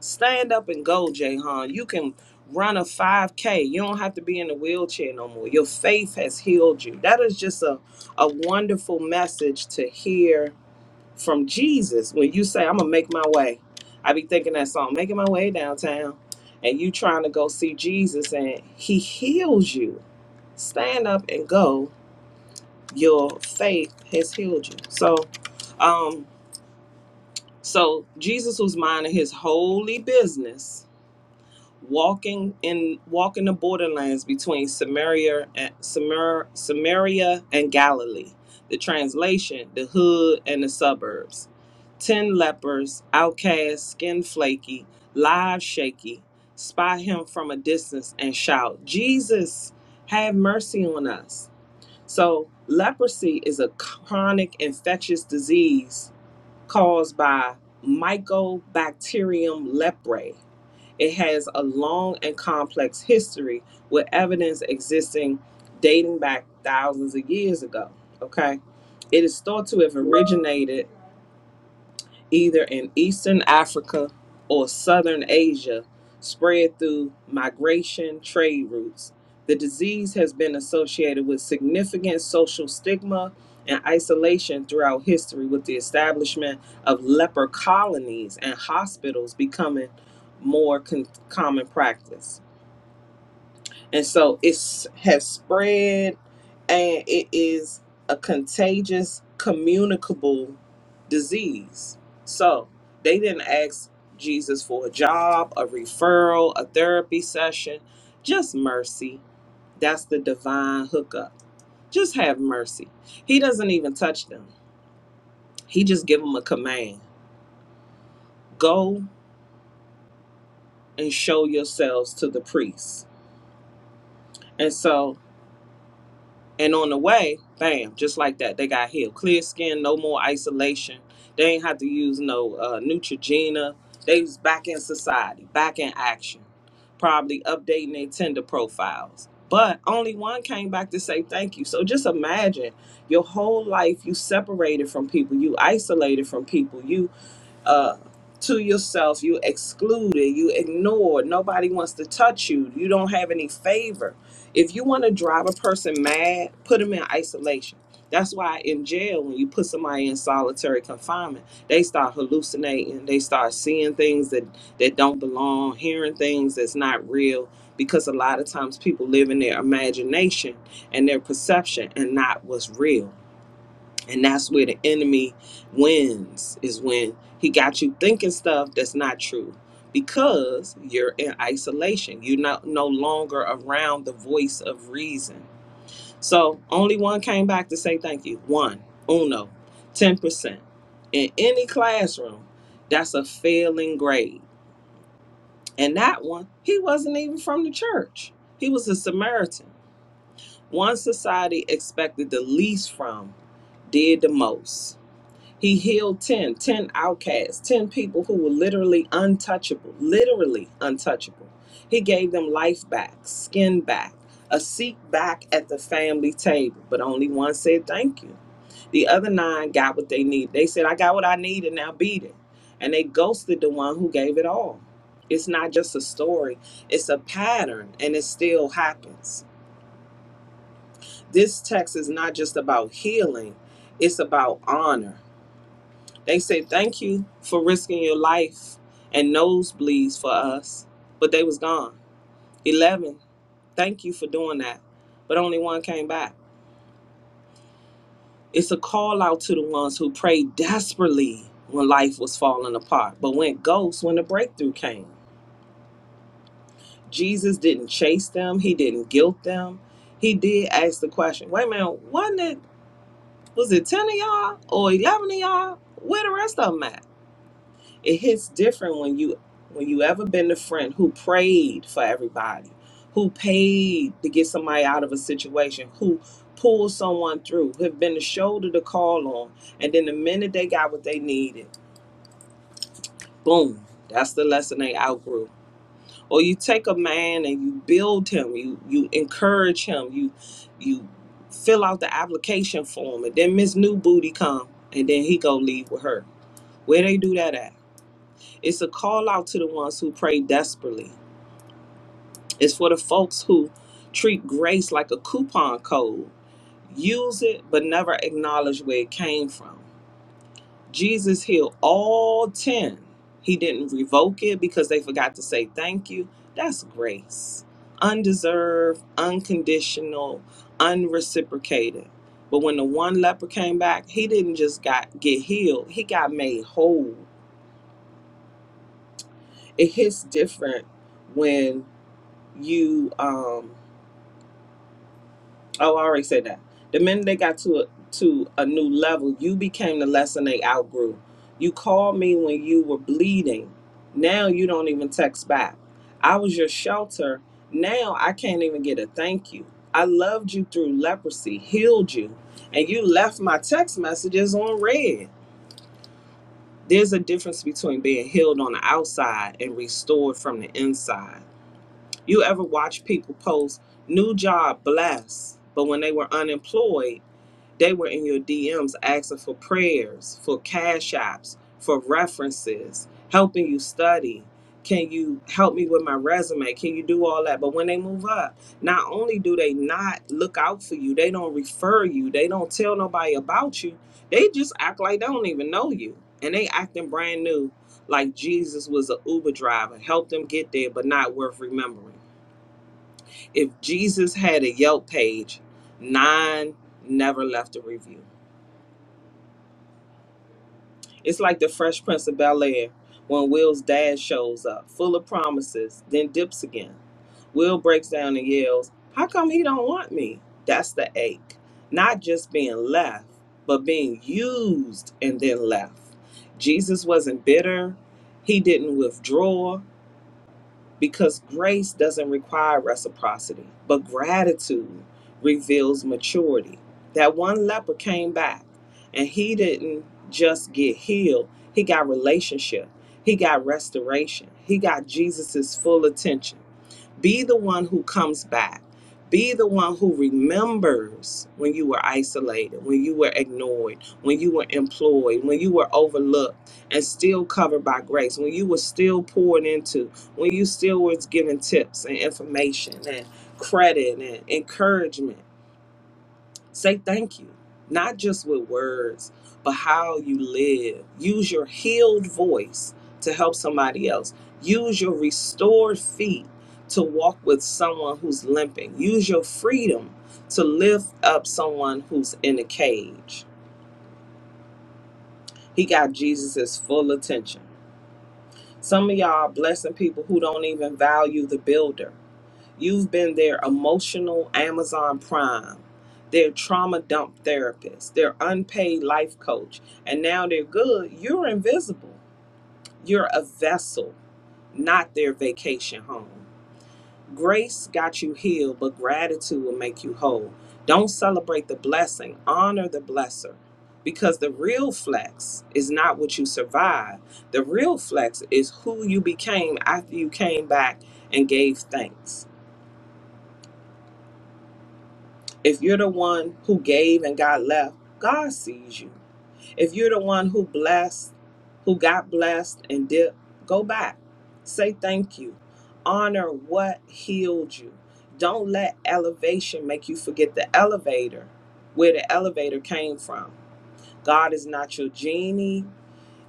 C: Stand up and go, Jahan. You can run a 5K. You don't have to be in a wheelchair no more. Your faith has healed you. That is just a, a wonderful message to hear from Jesus when you say, I'm gonna make my way. I be thinking that song, making my way downtown, and you trying to go see Jesus and he heals you. Stand up and go. Your faith has healed you. So um so Jesus was minding his holy business walking in walking the borderlands between Samaria and Samar, Samaria and Galilee. The translation: the hood and the suburbs. Ten lepers, outcasts, skin flaky, live shaky, spy him from a distance and shout, "Jesus, have mercy on us!" So leprosy is a chronic infectious disease caused by Mycobacterium leprae it has a long and complex history with evidence existing dating back thousands of years ago. Okay. It is thought to have originated either in Eastern Africa or Southern Asia, spread through migration trade routes. The disease has been associated with significant social stigma and isolation throughout history, with the establishment of leper colonies and hospitals becoming more con- common practice and so it's has spread and it is a contagious communicable disease so they didn't ask jesus for a job a referral a therapy session just mercy that's the divine hookup just have mercy he doesn't even touch them he just give them a command go and show yourselves to the priests. and so And on the way, bam, just like that, they got healed. Clear skin, no more isolation. They ain't have to use no uh, Neutrogena. They was back in society, back in action, probably updating their Tinder profiles. But only one came back to say thank you. So just imagine your whole life you separated from people, you isolated from people, you uh, to yourself. You excluded. You ignored. Nobody wants to touch you. You don't have any favor. If you want to drive a person mad, put them in isolation. That's why in jail, when you put somebody in solitary confinement, they start hallucinating. They start seeing things that, that don't belong, hearing things that's not real, because a lot of times people live in their imagination and their perception and not what's real. And that's where the enemy wins, is when he got you thinking stuff that's not true because you're in isolation. You're not no longer around the voice of reason. So only one came back to say thank you. One, uno, 10%. In any classroom, that's a failing grade. And that one, he wasn't even from the church, he was a Samaritan. One society expected the least from did the most. He healed 10, 10 outcasts, 10 people who were literally untouchable, literally untouchable. He gave them life back, skin back, a seat back at the family table, but only one said thank you. The other nine got what they need. They said, I got what I need and now beat it. And they ghosted the one who gave it all. It's not just a story, it's a pattern and it still happens. This text is not just about healing, it's about honor. They said thank you for risking your life and nosebleeds for us, but they was gone. Eleven, thank you for doing that, but only one came back. It's a call out to the ones who prayed desperately when life was falling apart, but went ghost when the breakthrough came. Jesus didn't chase them. He didn't guilt them. He did ask the question. Wait a minute, wasn't it? Was it ten of y'all or eleven of y'all? Where the rest of them at? it hits different when you when you ever been the friend who prayed for everybody who paid to get somebody out of a situation who pulled someone through who have been the shoulder to call on and then the minute they got what they needed boom that's the lesson they outgrew or you take a man and you build him you you encourage him you you fill out the application form and then miss new booty come and then he go leave with her where they do that at It's a call out to the ones who pray desperately. It's for the folks who treat grace like a coupon code, use it but never acknowledge where it came from. Jesus healed all 10. He didn't revoke it because they forgot to say thank you. That's grace. Undeserved, unconditional, unreciprocated. But when the one leper came back, he didn't just got get healed, he got made whole. It hits different when you um oh I already said that. The minute they got to a to a new level, you became the lesson they outgrew. You called me when you were bleeding. Now you don't even text back. I was your shelter. Now I can't even get a thank you. I loved you through leprosy, healed you, and you left my text messages on red. There's a difference between being healed on the outside and restored from the inside. You ever watch people post new job blessed, but when they were unemployed, they were in your DMs asking for prayers, for cash apps, for references, helping you study. Can you help me with my resume? Can you do all that? But when they move up, not only do they not look out for you, they don't refer you, they don't tell nobody about you, they just act like they don't even know you. And they acting brand new, like Jesus was an Uber driver, helped them get there, but not worth remembering if Jesus had a Yelp page, nine never left a review. It's like the Fresh Prince of Bel Air when Will's dad shows up, full of promises, then dips again. Will breaks down and yells, How come he don't want me? That's the ache. Not just being left, but being used and then left. Jesus wasn't bitter. He didn't withdraw. because grace doesn't require reciprocity, but gratitude reveals maturity. That one leper came back and he didn't just get healed, he got relationship, he got restoration, he got Jesus's full attention. Be the one who comes back. Be the one who remembers when you were isolated, when you were ignored, when you were employed, when you were overlooked and still covered by grace, when you were still poured into, when you still was given tips and information and credit and encouragement. Say thank you, not just with words, but how you live. Use your healed voice to help somebody else. Use your restored feet to walk with someone who's limping. Use your freedom to lift up someone who's in a cage. He got Jesus's full attention. Some of y'all are blessing people who don't even value the builder. You've been their emotional Amazon Prime, their trauma dump therapist, their unpaid life coach, and now they're good. You're invisible. You're a vessel, not their vacation home. Grace got you healed, but gratitude will make you whole. Don't celebrate the blessing, honor the blesser. Because the real flex is not what you survived. The real flex is who you became after you came back and gave thanks. If you're the one who gave and got left, God sees you. If you're the one who blessed, who got blessed and dipped, go back. Say thank you. Honor what healed you. Don't let elevation make you forget the elevator, where the elevator came from. God is not your genie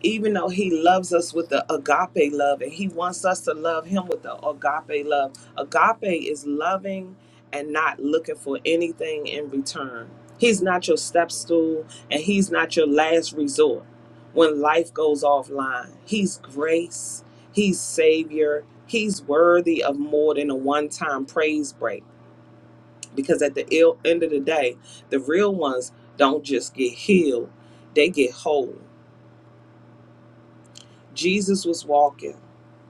C: even though he loves us with the agape love and he wants us to love him with the agape love agape is loving and not looking for anything in return he's not your step stool and he's not your last resort when life goes offline he's grace he's savior he's worthy of more than a one-time praise break because at the ill end of the day the real ones don't just get healed they get whole Jesus was walking.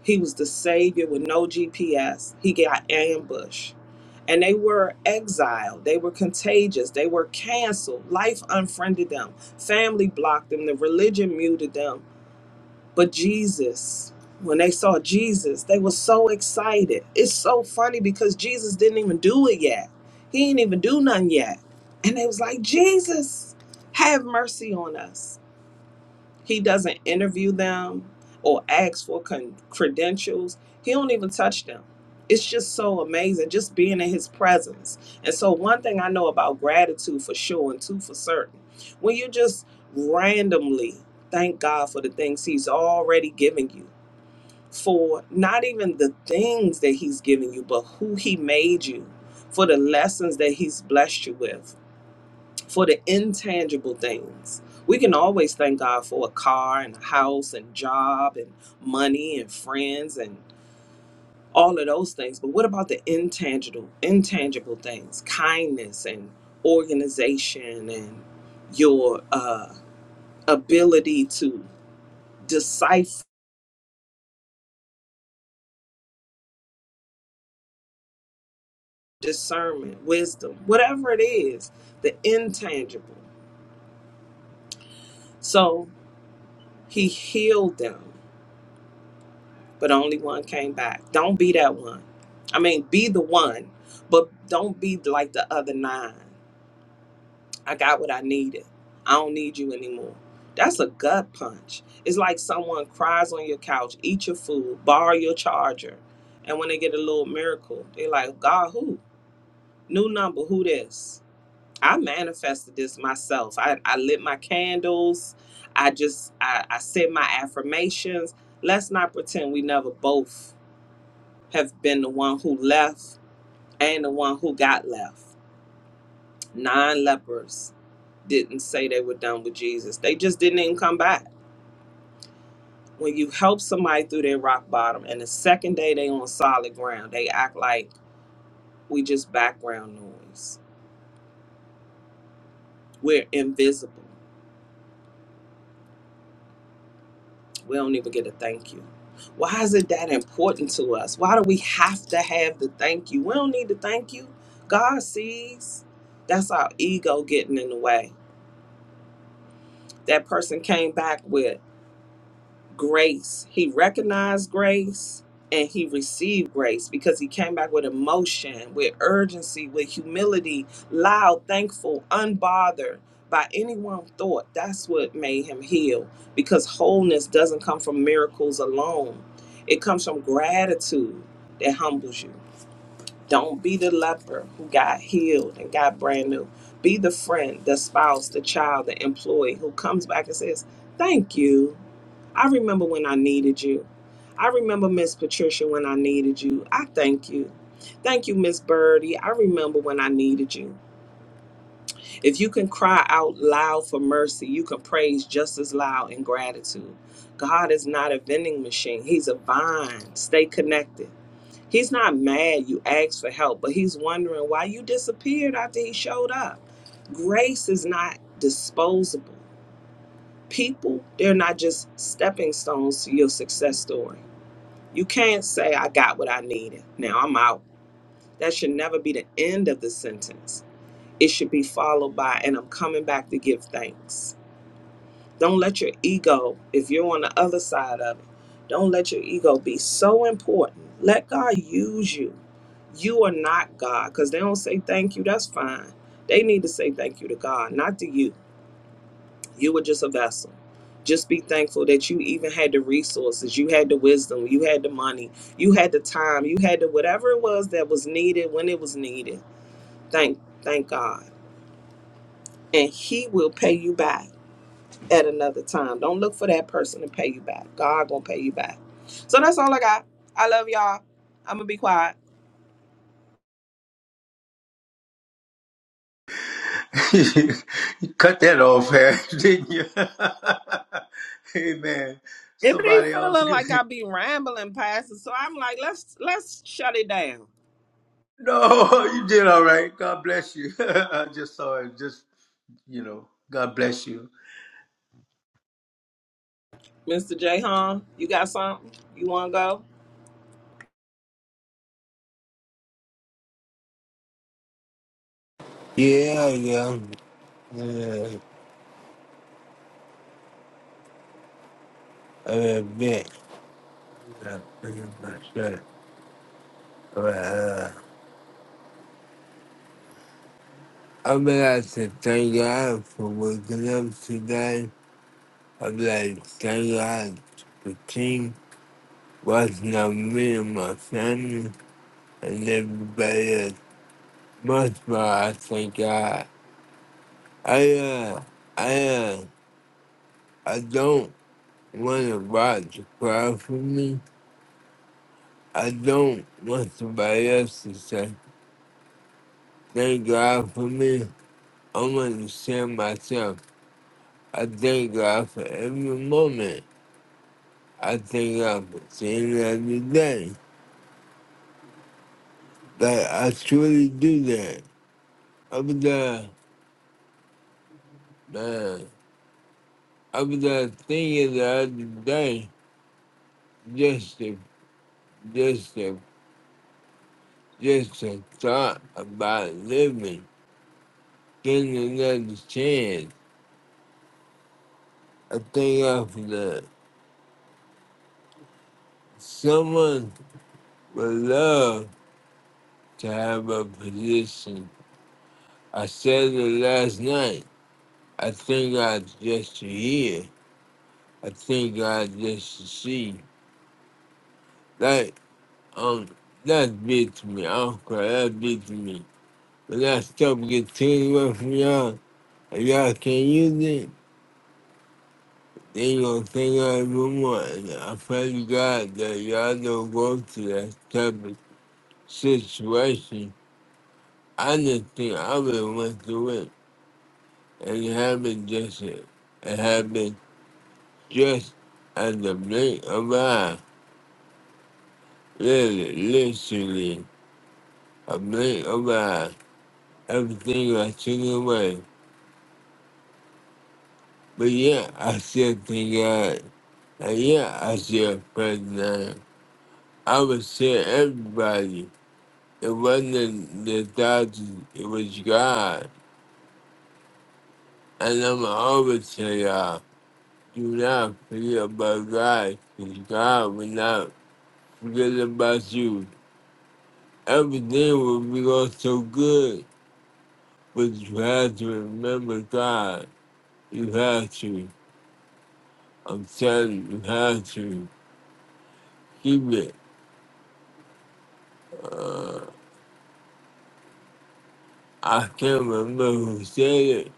C: He was the savior with no GPS. He got ambushed. And they were exiled. They were contagious. They were canceled. Life unfriended them. Family blocked them. The religion muted them. But Jesus, when they saw Jesus, they were so excited. It's so funny because Jesus didn't even do it yet. He didn't even do nothing yet. And they was like, Jesus, have mercy on us. He doesn't interview them or ask for con- credentials. He don't even touch them. It's just so amazing just being in his presence. And so one thing I know about gratitude for sure and two for certain. When you just randomly thank God for the things he's already given you, for not even the things that he's given you, but who he made you, for the lessons that he's blessed you with for the intangible things. We can always thank God for a car and a house and job and money and friends and all of those things. But what about the intangible intangible things? Kindness and organization and your uh, ability to decipher discernment, wisdom, whatever it is, the intangible. So he healed them. but only one came back. Don't be that one. I mean, be the one, but don't be like the other nine. I got what I needed. I don't need you anymore. That's a gut punch. It's like someone cries on your couch, eat your food, borrow your charger, and when they get a little miracle, they're like, God, who? New number, who this? I manifested this myself. I, I lit my candles. I just I, I said my affirmations. Let's not pretend we never both have been the one who left and the one who got left. Nine lepers didn't say they were done with Jesus. They just didn't even come back. When you help somebody through their rock bottom and the second day they on solid ground, they act like we just background noise. We're invisible. We don't even get a thank you. Why is it that important to us? Why do we have to have the thank you? We don't need the thank you. God sees. That's our ego getting in the way that person came back with. grace. He recognized grace and he received grace because he came back with emotion, with urgency, with humility, loud, thankful, unbothered by anyone's thought. That's what made him heal because wholeness doesn't come from miracles alone, it comes from gratitude that humbles you. Don't be the leper who got healed and got brand new. Be the friend, the spouse, the child, the employee who comes back and says, Thank you. I remember when I needed you. I remember Miss Patricia when I needed you. I thank you. Thank you, Miss Birdie. I remember when I needed you. If you can cry out loud for mercy, you can praise just as loud in gratitude. God is not a vending machine, He's a vine. Stay connected. He's not mad you asked for help, but he's wondering why you disappeared after he showed up. Grace is not disposable. People, they're not just stepping stones to your success story. You can't say, I got what I needed. Now I'm out. That should never be the end of the sentence. It should be followed by, and I'm coming back to give thanks. Don't let your ego, if you're on the other side of it, don't let your ego be so important. Let God use you. You are not God because they don't say thank you. That's fine. They need to say thank you to God, not to you. You were just a vessel. Just be thankful that you even had the resources, you had the wisdom, you had the money, you had the time, you had the whatever it was that was needed when it was needed. Thank, thank God, and He will pay you back. at another time. Don't look for that person to pay you back. God gonna pay you back. So that's all I got. I love y'all. I'm gonna be quiet.
A: you cut that off, man, didn't you? hey, man.
C: It be
A: Somebody else.
C: feeling like I be rambling past it, so I'm like, let's let's shut it down.
A: no, you did all right. God bless you. I just saw it. Just you know, God bless you.
C: Mr. J. you got something you wanna go?
B: Yeah, yeah. Yeah. I am a pretty I'm But, uh, I'm gonna have thank God for waking up today. I'm like, thank God for team, watching out me and my family, and everybody else. Much, but I thank God. I, uh, I, uh, I don't want to watch cry for me. I don't want somebody else to say, thank God for me. I want to say myself, I thank God for every moment. I thank God for seeing every day. Like, I truly do that. I was, uh, man, I was uh, thinking the other day, Just to, just to Just the thought about living, getting another chance. I think of that. Someone would love to have a position. I said it last night. I think God just to hear. I think God just to see. Like, um, that beats me. I don't cry. That beats me. But that stuff gets taken away from y'all. And y'all can't use it. They gonna think I'm the one. I pray to God that y'all don't go through that type of situation. I just think I would went through it and it happened just it It happened just at the blink of an eye. Really, literally, a blink of an eye. Everything I took away. But yeah, I still thank God. And yeah, I still pray to God. I would say everybody. It wasn't the doctors, it was God. And I'm always say, y'all, do not forget about God, because God will not forget about you. Everything will be going so good, but you have to remember God. You have to. I'm telling you, you have to. Keep it. I can't remember who said it,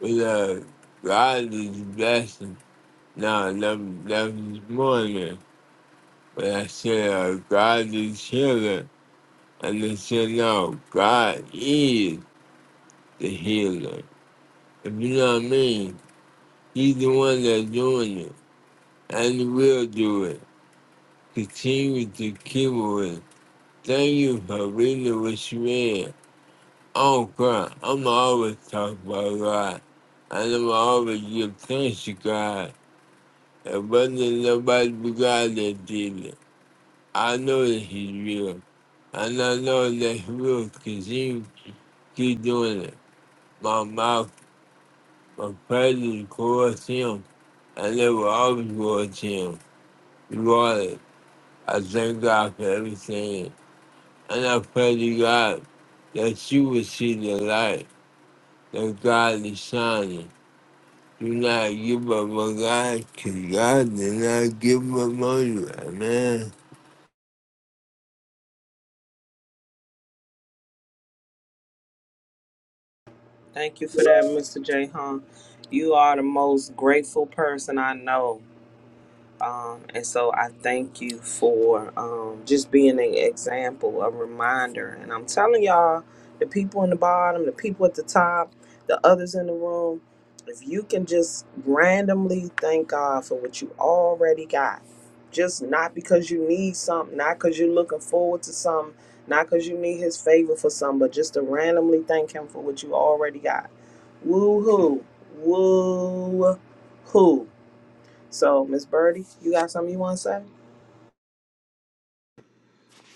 B: but uh, God is blessing. Now, that, that was morning. But I said, uh, God is healer. And they said, no, God is the healer. If you know what I mean, he's the one that's doing it. And he will do it. Continue to keep with it. Thank you for reading what you read. I don't cry. I'm always talking about God. And I'm always give thanks to God. It wasn't nobody but God that did it. I know that he's real. And I know that he will he keep doing it. My mouth, my presence towards him, and they will always towards him. Regardless, I thank God for everything. And I pray to God that you will see the light that God is shining. Do not give up on God, because God did not give up on you. Amen.
C: Thank you for that, Mr. J. You are the most grateful person I know. Um, and so I thank you for um, just being an example, a reminder. And I'm telling y'all, the people in the bottom, the people at the top, the others in the room, if you can just randomly thank God for what you already got, just not because you need something, not because you're looking forward to something, not because you need His favor for something, but just to randomly thank Him for what you already got. Woo hoo, woo hoo. So, Miss Birdie, you got something you want to say?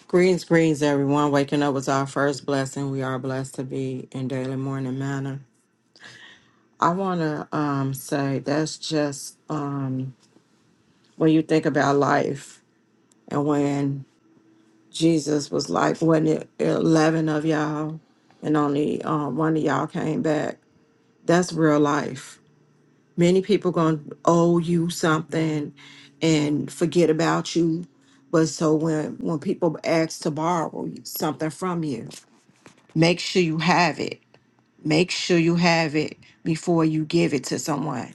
D: Greetings, greetings, everyone. Waking up was our first blessing. We are blessed to be in daily morning manner. I want to um, say that's just um, when you think about life and when Jesus was like, wasn't it 11 of y'all and only um, one of y'all came back? That's real life. Many people going to owe you something and forget about you. But so when, when people ask to borrow something from you, make sure you have it make sure you have it before you give it to someone.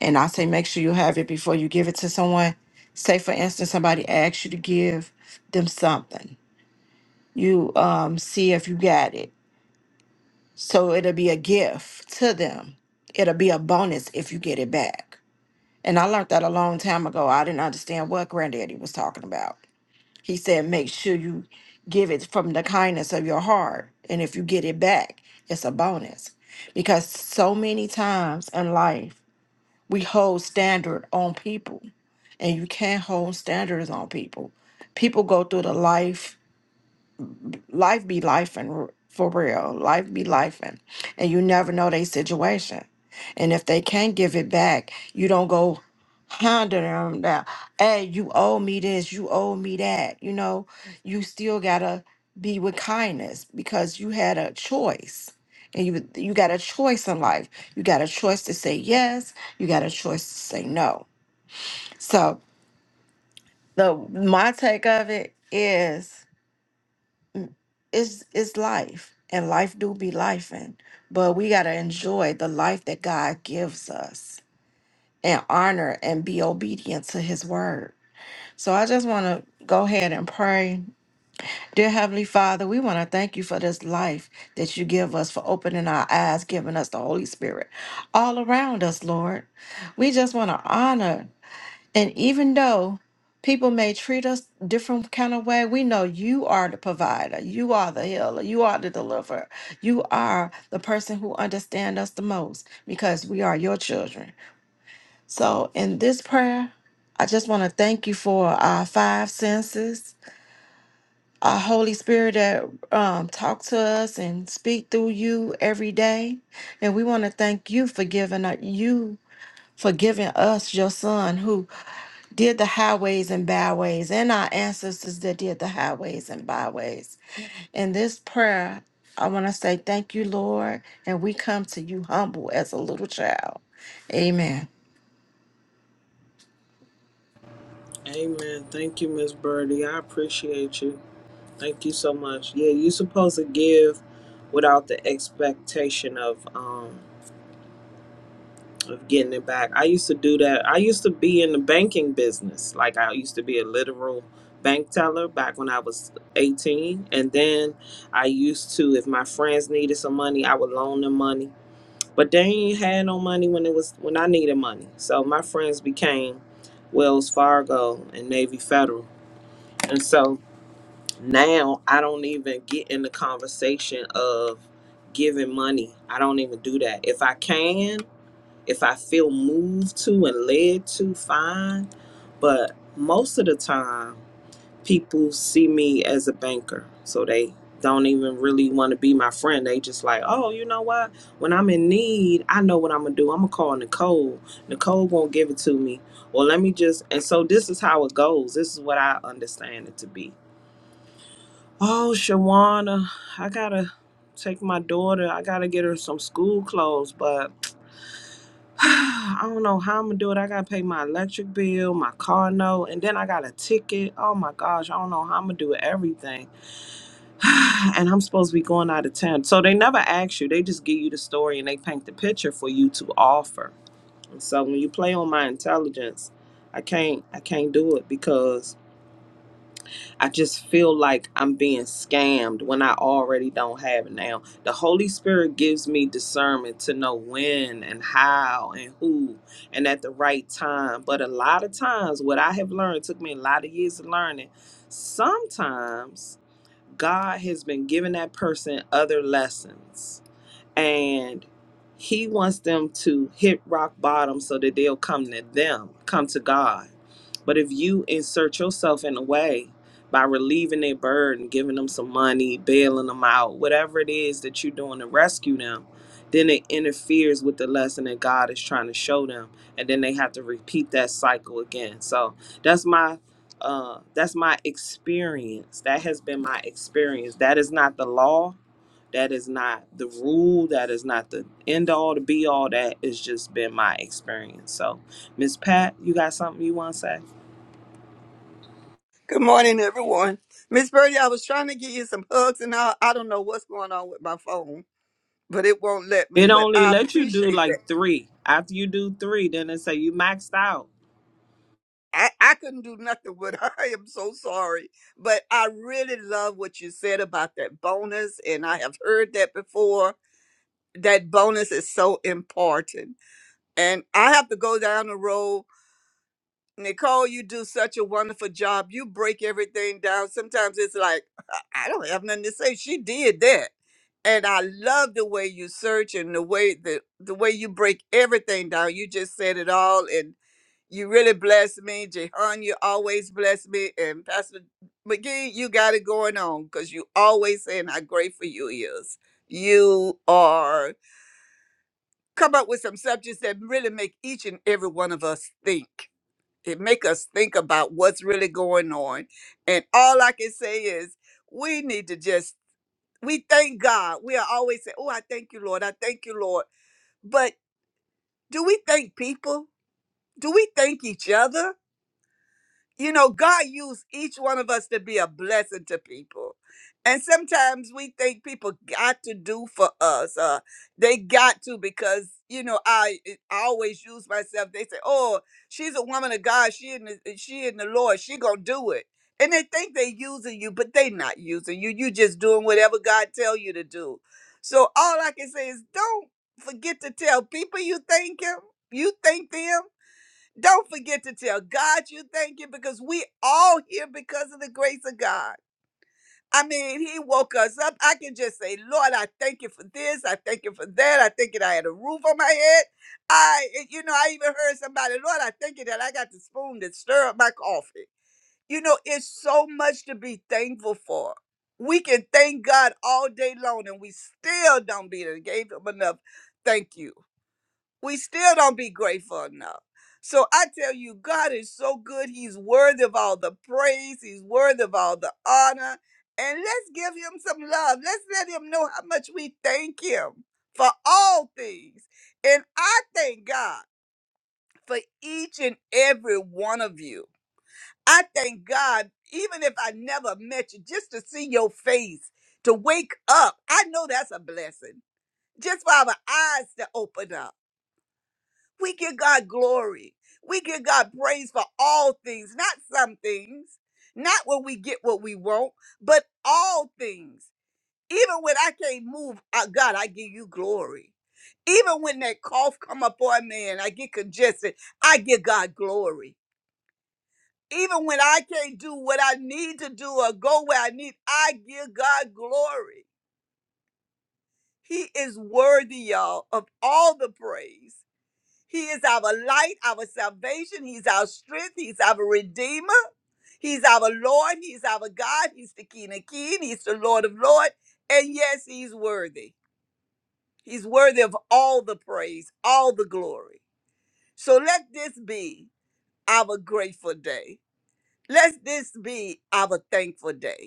D: And I say make sure you have it before you give it to someone. Say for instance, somebody asks you to give them something. You um see if you got it. So it'll be a gift to them. It'll be a bonus if you get it back. And I learned that a long time ago. I didn't understand what granddaddy was talking about. He said, make sure you give it from the kindness of your heart. And if you get it back, it's a bonus. Because so many times in life, we hold standard on people, and you can't hold standards on people. People go through the life life be life and for real life be life and and you never know their situation and if they can't give it back you don't go hounding them down hey you owe me this you owe me that you know you still gotta be with kindness because you had a choice and you you got a choice in life you got a choice to say yes you got a choice to say no so the my take of it is it's it's life and life do be life and but we gotta enjoy the life that god gives us and honor and be obedient to his word so i just want to go ahead and pray dear heavenly father we want to thank you for this life that you give us for opening our eyes giving us the holy spirit all around us lord we just want to honor and even though people may treat us different kind of way, we know you are the provider, you are the healer, you are the deliverer, you are the person who understands us the most because we are your children. So in this prayer, I just want to thank you for our five senses, our Holy Spirit that um, talk to us and speak through you every day. And we want to thank you for giving us you for giving us your son who did the highways and byways and our ancestors that did the highways and byways. In this prayer, I want to say thank you, Lord, and we come to you humble as a little child. Amen.
C: Amen. Thank you, Miss Birdie. I appreciate you. Thank you so much. Yeah, you're supposed to give without the expectation of um of getting it back. I used to do that. I used to be in the banking business. Like I used to be a literal bank teller back when I was 18. And then I used to, if my friends needed some money, I would loan them money. But they ain't had no money when it was when I needed money. So my friends became Wells Fargo and Navy Federal. And so now I don't even get in the conversation of giving money. I don't even do that. If I can, if I feel moved to and led to, fine. But most of the time people see me as a banker. So they don't even really want to be my friend. They just like, oh, you know what? When I'm in need, I know what I'm gonna do. I'm gonna call Nicole. Nicole won't give it to me. Or let me just and so this is how it goes. This is what I understand it to be. Oh, Shawana, I gotta take my daughter. I gotta get her some school clothes, but I don't know how I'm gonna do it. I gotta pay my electric bill, my car note, and then I got a ticket. Oh my gosh, I don't know how I'm gonna do everything. and I'm supposed to be going out of town. So they never ask you. They just give you the story and they paint the picture for you to offer. And so when you play on my intelligence, I can't I can't do it because I just feel like I'm being scammed when I already don't have it now. The Holy Spirit gives me discernment to know when and how and who and at the right time. But a lot of times what I have learned took me a lot of years of learning. Sometimes God has been giving that person other lessons and he wants them to hit rock bottom so that they'll come to them, come to God. But if you insert yourself in a way by relieving their burden, giving them some money, bailing them out, whatever it is that you're doing to rescue them, then it interferes with the lesson that God is trying to show them, and then they have to repeat that cycle again. So that's my uh, that's my experience. That has been my experience. That is not the law that is not the rule. That is not the end all, the be all. That has just been my experience. So, Miss Pat, you got something you want to say?
E: Good morning, everyone. Miss Birdie, I was trying to give you some hugs, and I, I don't know what's going on with my phone, but it won't let me.
C: It
E: But
C: only
E: I
C: lets you do
E: appreciate that.
C: like three. After you do three, then it say you maxed out.
E: I, I couldn't do nothing with I am so sorry. But I really love what you said about that bonus, and I have heard that before. That bonus is so important. And I have to go down the road Nicole, you do such a wonderful job. You break everything down. Sometimes it's like, I don't have nothing to say. She did that. And I love the way you search and the way the, the way you break everything down. You just said it all and you really bless me. Jehan, you always bless me. And Pastor McGee, you got it going on because you always saying how grateful you is. You are come up with some subjects that really make each and every one of us think it make us think about what's really going on and all i can say is we need to just we thank god we are always saying oh i thank you lord i thank you lord but do we thank people do we thank each other you know, God used each one of us to be a blessing to people. And sometimes we think people got to do for us. Uh, they got to because, you know, I, eh, I always use myself. They say, oh, she's a woman of God. She in the, eh, she in the Lord. She going to do it. And they think they using you, but they not using you. You just doing whatever God tell you to do. So all I can say is don't forget to tell people you thank him. You thank them don't forget to tell God you thank you because we all here because of the grace of God. I mean, He woke us up. I can just say, Lord, I thank you for this. I thank you for that. I thank you that I had a roof on my head. I, eh, you know, I even heard somebody, Lord, I thank you that I got the spoon that stir up my coffee. You know, it's so much to be thankful for. We can thank God all day long and we still don't be there. Gave Him enough thank you we still don't be grateful enough. So I tell you, God is so good. He's worthy of all the praise, He's worthy of all the honor. And let's give Him some love. Let's let Him know how much we thank Him for all things. And I thank God for each and every one of you. I thank God, even if I never met you, just to see your face, to wake up. I know that's a blessing. Just for our eyes to open up. We give God glory. We give God praise for all things, not some things, not when we get what we want, but all things. Even when I can't move, uh, God, I give you glory. Even when that cough come up on me and I get congested, I give God glory. Even when I can't do what I need to do or go where I need, I give God glory. He is worthy, y'all, of all the praise. He is our light, our salvation. He's our strength. He's our redeemer. He's our Lord. He's our God. He's the King of King. He's the Lord of Lord. And yes, he's worthy. He's worthy of all the praise, all the glory. So let this be our grateful day. Let this be our thankful day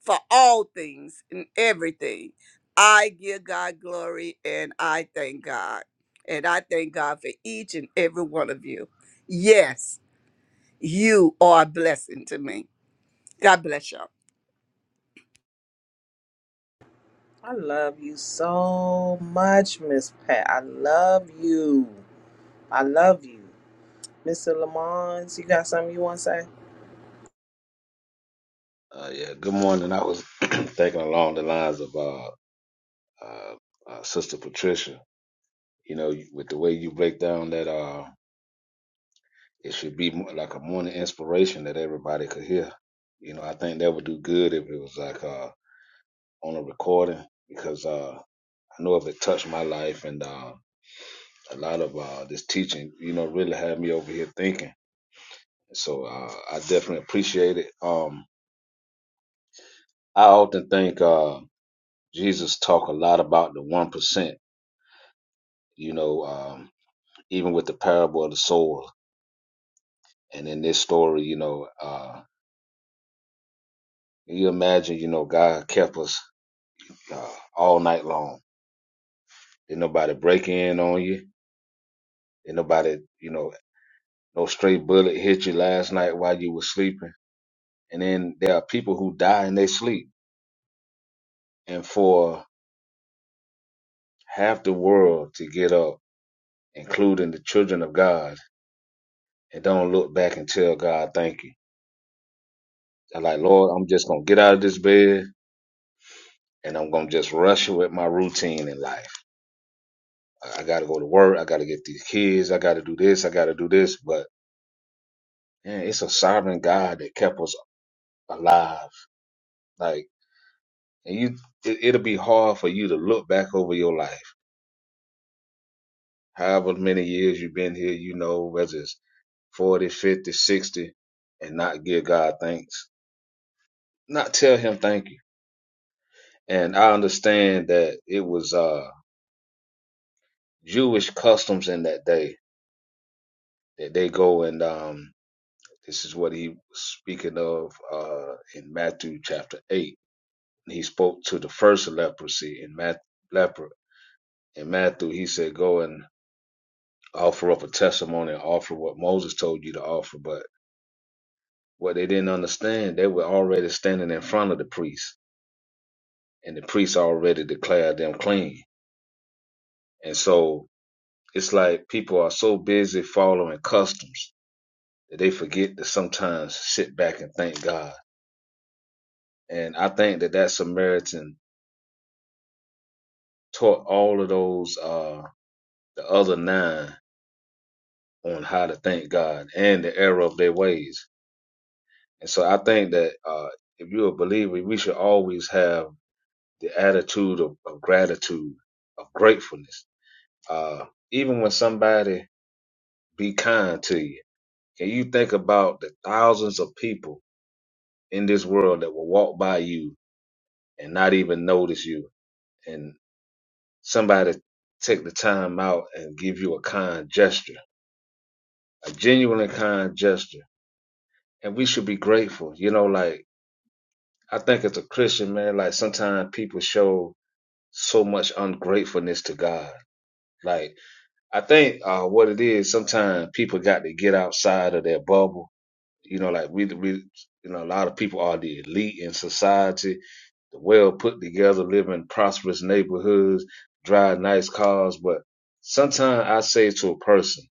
E: for all things and everything. I give God glory and I thank God. And I thank God for each and every one of you. Yes, you are a blessing to me. God bless y'all.
C: I love you so much, Miss Pat. I love you. I love you. Mr. Lamons, you got something you want to say?
F: Uh, yeah, good morning. I was thinking along the lines of uh, uh, uh, Sister Patricia. You know, you- with the way you break down that, uh, it should be mo- like a morning inspiration that everybody could hear. You know, I think that would do good if it was like uh, on a recording because uh, I know if it touched my life and uh, a lot of uh, this teaching, you know, really had me over here thinking. So uh, I definitely appreciate it. Um, I often think uh, Jesus talk a lot about the one percent you know Um, even with the parable of the soul. And in this story, you know, uh, you imagine, you know, God kept us uh, all night long. Didn't nobody break in on you. Didn't nobody, you know, no stray bullet hit you last night while you were sleeping. And then there are people who die in their sleep. And for half the world to get up, including the children of God, and don't look back and tell God, thank you. I'm like, Lord, I'm just going to get out of this bed and I'm going to just rush with my routine in life I, I got to go to work. I got to get these kids. I got to do this. I got to do this. But man, it's a sovereign God that kept us alive. Like, and you, it, it'll be hard for you to look back over your life. However many years you've been here, you know, whether it's 40, 50, 60, and not give God thanks, not tell him thank you. And I understand that it was, uh, Jewish customs in that day that they go and, um, this is what he was speaking of, uh, in Matthew chapter 8 And he spoke to the first leprosy in Matthew, leper. In Matthew, he said, Go and offer up a testimony and offer what Moses told you to offer. But what they didn't understand, they were already standing in front of the priest, and the priest already declared them clean. And so it's like people are so busy following customs that they forget to sometimes sit back and thank God. And I think that that Samaritan taught all of those, uh, the other nine on how to thank God and the error of their ways. And so I think that uh, if you're a believer, we should always have the attitude of, of gratitude, of gratefulness. Uh, even when somebody be kind to you, can you think about the thousands of people in this world that will walk by you and not even notice you? And somebody take the time out and give you a kind gesture, a genuinely kind gesture. And we should be grateful. You know, like I think as a Christian, man, like sometimes people show so much ungratefulness to God. Like I think uh, what it is, sometimes people got to get outside of their bubble. You know, like we, we, you know, a lot of people are the elite in society, the well put together, live in prosperous neighborhoods, drive nice cars. But sometimes I say to a person,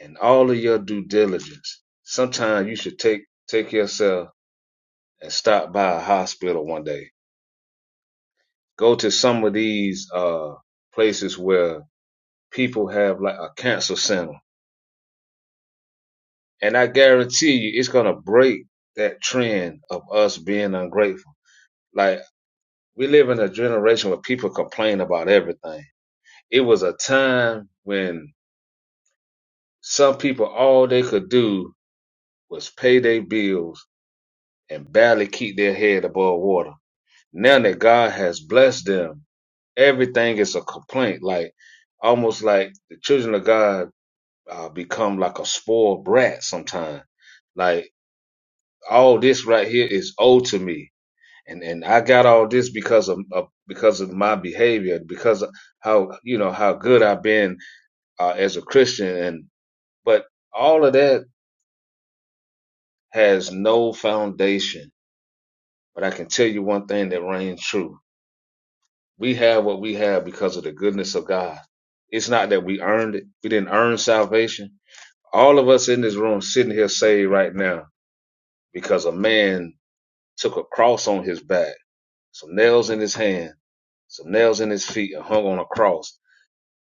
F: in all of your due diligence, sometimes you should take take yourself and stop by a hospital one day go to some of these uh places where people have like a cancer center. And I guarantee you it's gonna break that trend of us being ungrateful. Like we live in a generation where people complain about everything. It was a time when some people all they could do was pay their bills and barely keep their head above water. Now that God has blessed them, everything is a complaint. Like almost like the children of God uh, become like a spoiled brat sometimes. Like all this right here is owed to me, and and I got all this because of, of because of my behavior, because of how you know how good I've been uh, as a Christian, and but all of that has no foundation. But I can tell you one thing that reigns true: we have what we have because of the goodness of God. It's not that we earned it; we didn't earn salvation. All of us in this room sitting here saved right now because a man took a cross on his back, some nails in his hand, some nails in his feet, and hung on a cross.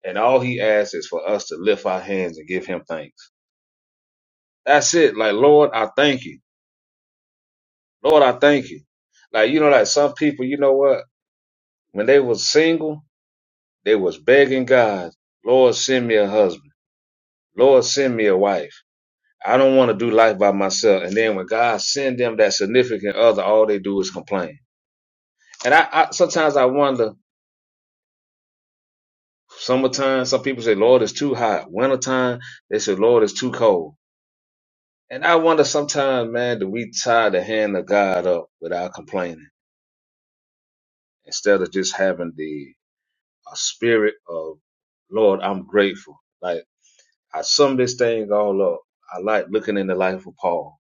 F: And all he asks is for us to lift our hands and give him thanks. That's it. Like, Lord, I thank you. Lord, I thank you. Like, you know, like some people, you know what? When they was single, they was begging God, Lord, send me a husband. Lord, send me a wife. I don't want to do life by myself. And then when God send them that significant other, all they do is complain. And I, I sometimes I wonder Summertime, some people say, Lord, it's too hot. Wintertime, they say, Lord, it's too cold. And I wonder sometimes, man, do we tie the hand of God up without complaining instead of just having the a spirit of, Lord, I'm grateful. Like, I sum this thing all up. I like looking in the life of Paul.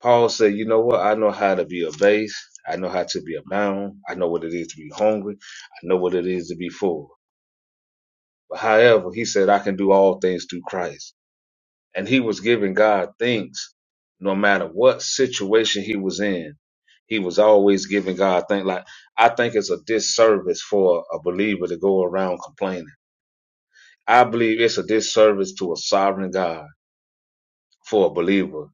F: Paul said, you know what? I know how to be abased. I know how to be abound. I know what it is to be hungry. I know what it is to be full. But however, he said, I can do all things through Christ. and he was giving God thanks no matter what situation he was in. He was always giving God thanks. Like, I think it's a disservice for a believer to go around complaining. I believe it's a disservice to a sovereign God for a believer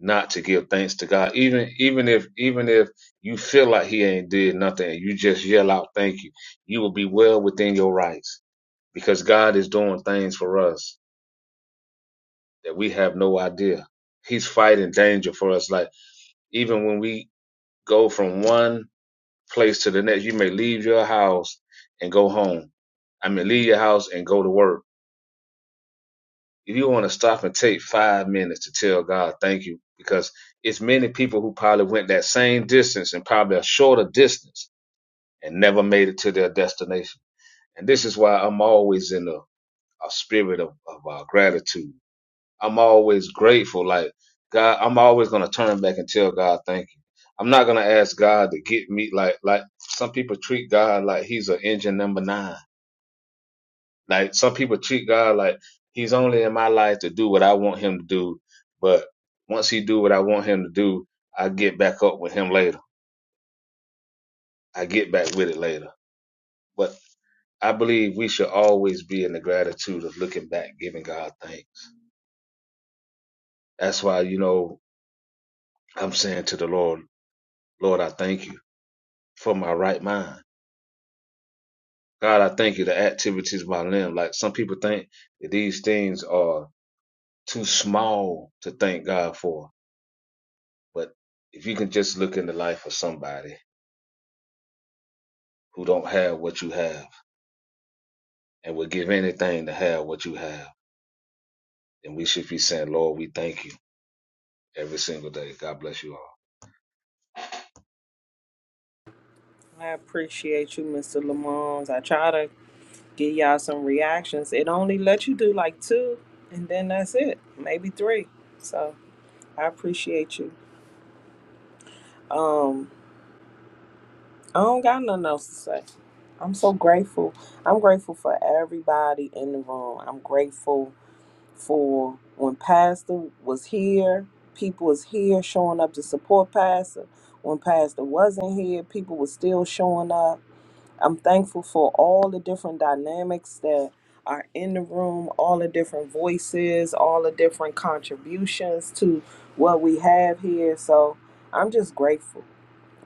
F: not to give thanks to God. Even, even if, even if you feel like he ain't did nothing and you just yell out, thank you, you will be well within your rights because God is doing things for us that we have no idea. He's fighting danger for us. Like, Even when we go from one place to the next, you may leave your house and go home. I mean, leave your house and go to work. If you want to stop and take five minutes to tell God thank you, because it's many people who probably went that same distance and probably a shorter distance and never made it to their destination. And this is why I'm always in a, a spirit of, of uh, gratitude I'm always grateful. Like God, I'm always gonna turn back and tell God thank you. I'm not gonna ask God to get me like like some people treat God like he's an engine number nine. Like some people treat God like he's only in my life to do what I want him to do. But once he do what I want him to do, I get back up with him later. I get back with it later. But I believe we should always be in the gratitude of looking back, giving God thanks. That's why, you know, I'm saying to the Lord, Lord, I thank you. for my right mind. God, I thank you. The activities of my limb. Like some people think that these things are too small to thank God for. But if you can just look in the life of somebody who don't have what you have and would give anything to have what you have, then we should be saying, Lord, we thank you every single day. God bless you all.
C: I appreciate you, Mr. Lamons. I try to Give y'all some reactions. It only lets you do like two, and then that's it, maybe three. So I appreciate you. Um, I don't got nothing else to say. I'm so grateful. I'm grateful for everybody in the room. I'm grateful for when Pastor was here, people was here showing up to support Pastor. When Pastor wasn't here, people was still showing up I'm thankful for all the different dynamics that are in the room, all the different voices, all the different contributions to what we have here. So I'm just grateful.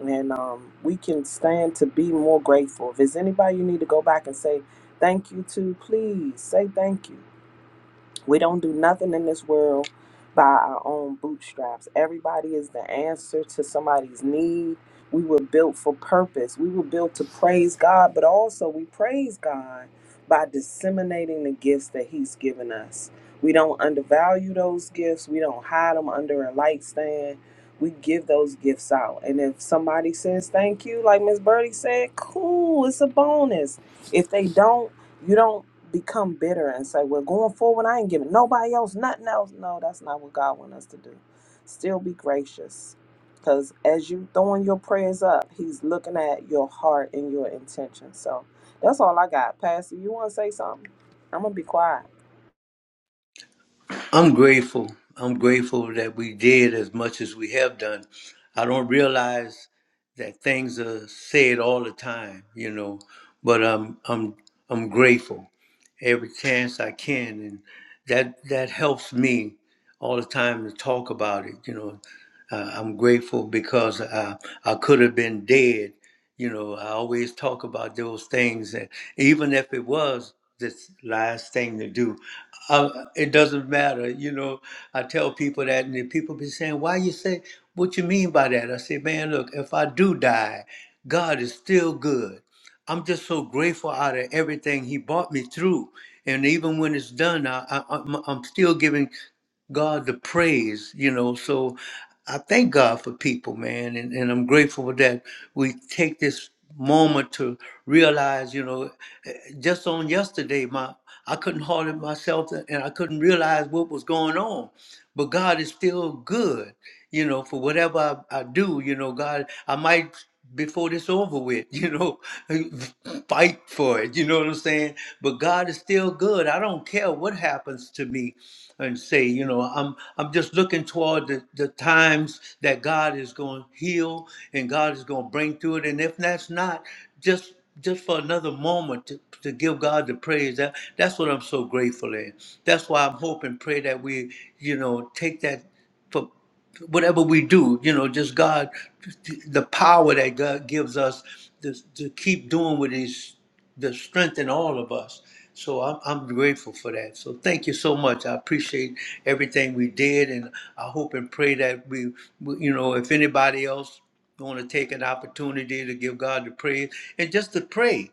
C: And um, we can stand to be more grateful. If there's anybody you need to go back and say thank you to, please say thank you. We don't do nothing in this world by our own bootstraps. Everybody is the answer to somebody's need. We were built for purpose. We were built to praise God, but also we praise God by disseminating the gifts that He's given us. We don't undervalue those gifts, we don't hide them under a light stand. We give those gifts out. And if somebody says thank you, like Miss Birdie said, cool, it's a bonus. If they don't, you don't become bitter and say, "Well, going forward, I ain't giving nobody else nothing else." No, that's not what God wants us to do. Still be gracious, because as you throwing your prayers up, He's looking at your heart and your intention. So that's all I got, Pastor. You want to say something? I'm gonna be quiet.
A: I'm grateful. I'm grateful that we did as much as we have done. I don't realize that things are said all the time, you know, but I'm I'm I'm grateful every chance I can, and that that helps me all the time to talk about it. You know, uh, I'm grateful because I I could have been dead. You know, I always talk about those things, and even if it was this last thing to do, I, it doesn't matter. You know, I tell people that, and then people be saying, "Why you say what you mean by that?" I say, "Man, look, if I do die, God is still good. I'm just so grateful out of everything He brought me through, and even when it's done, I, I, I'm, I'm still giving." God the praise, you know. So I thank God for people, man, and, and I'm grateful that we take this moment to realize, you know, eh, just on yesterday, my I couldn't hold it myself and I couldn't realize what was going on but God is still good. You know, for whatever I, I do, you know, God, I might before this over with, you know, fight for it. You know what I'm saying? But God is still good. I don't care what happens to me and say, you know, I'm I'm just looking toward the, the times that God is going to heal and God is going to bring through it. And if that's not, just just just for another moment to, to give God the praise. That that's what I'm so grateful in. That's why I'm hoping, pray that we, you know, take that for whatever we do, you know, just God, the power that God gives us to, to keep doing what He's, the strength in all of us. So I'm, I'm grateful for that. So thank you so much. I appreciate everything we did, and I hope and pray that we, we- you know, if anybody else want to take an opportunity to give God the praise and just to pray.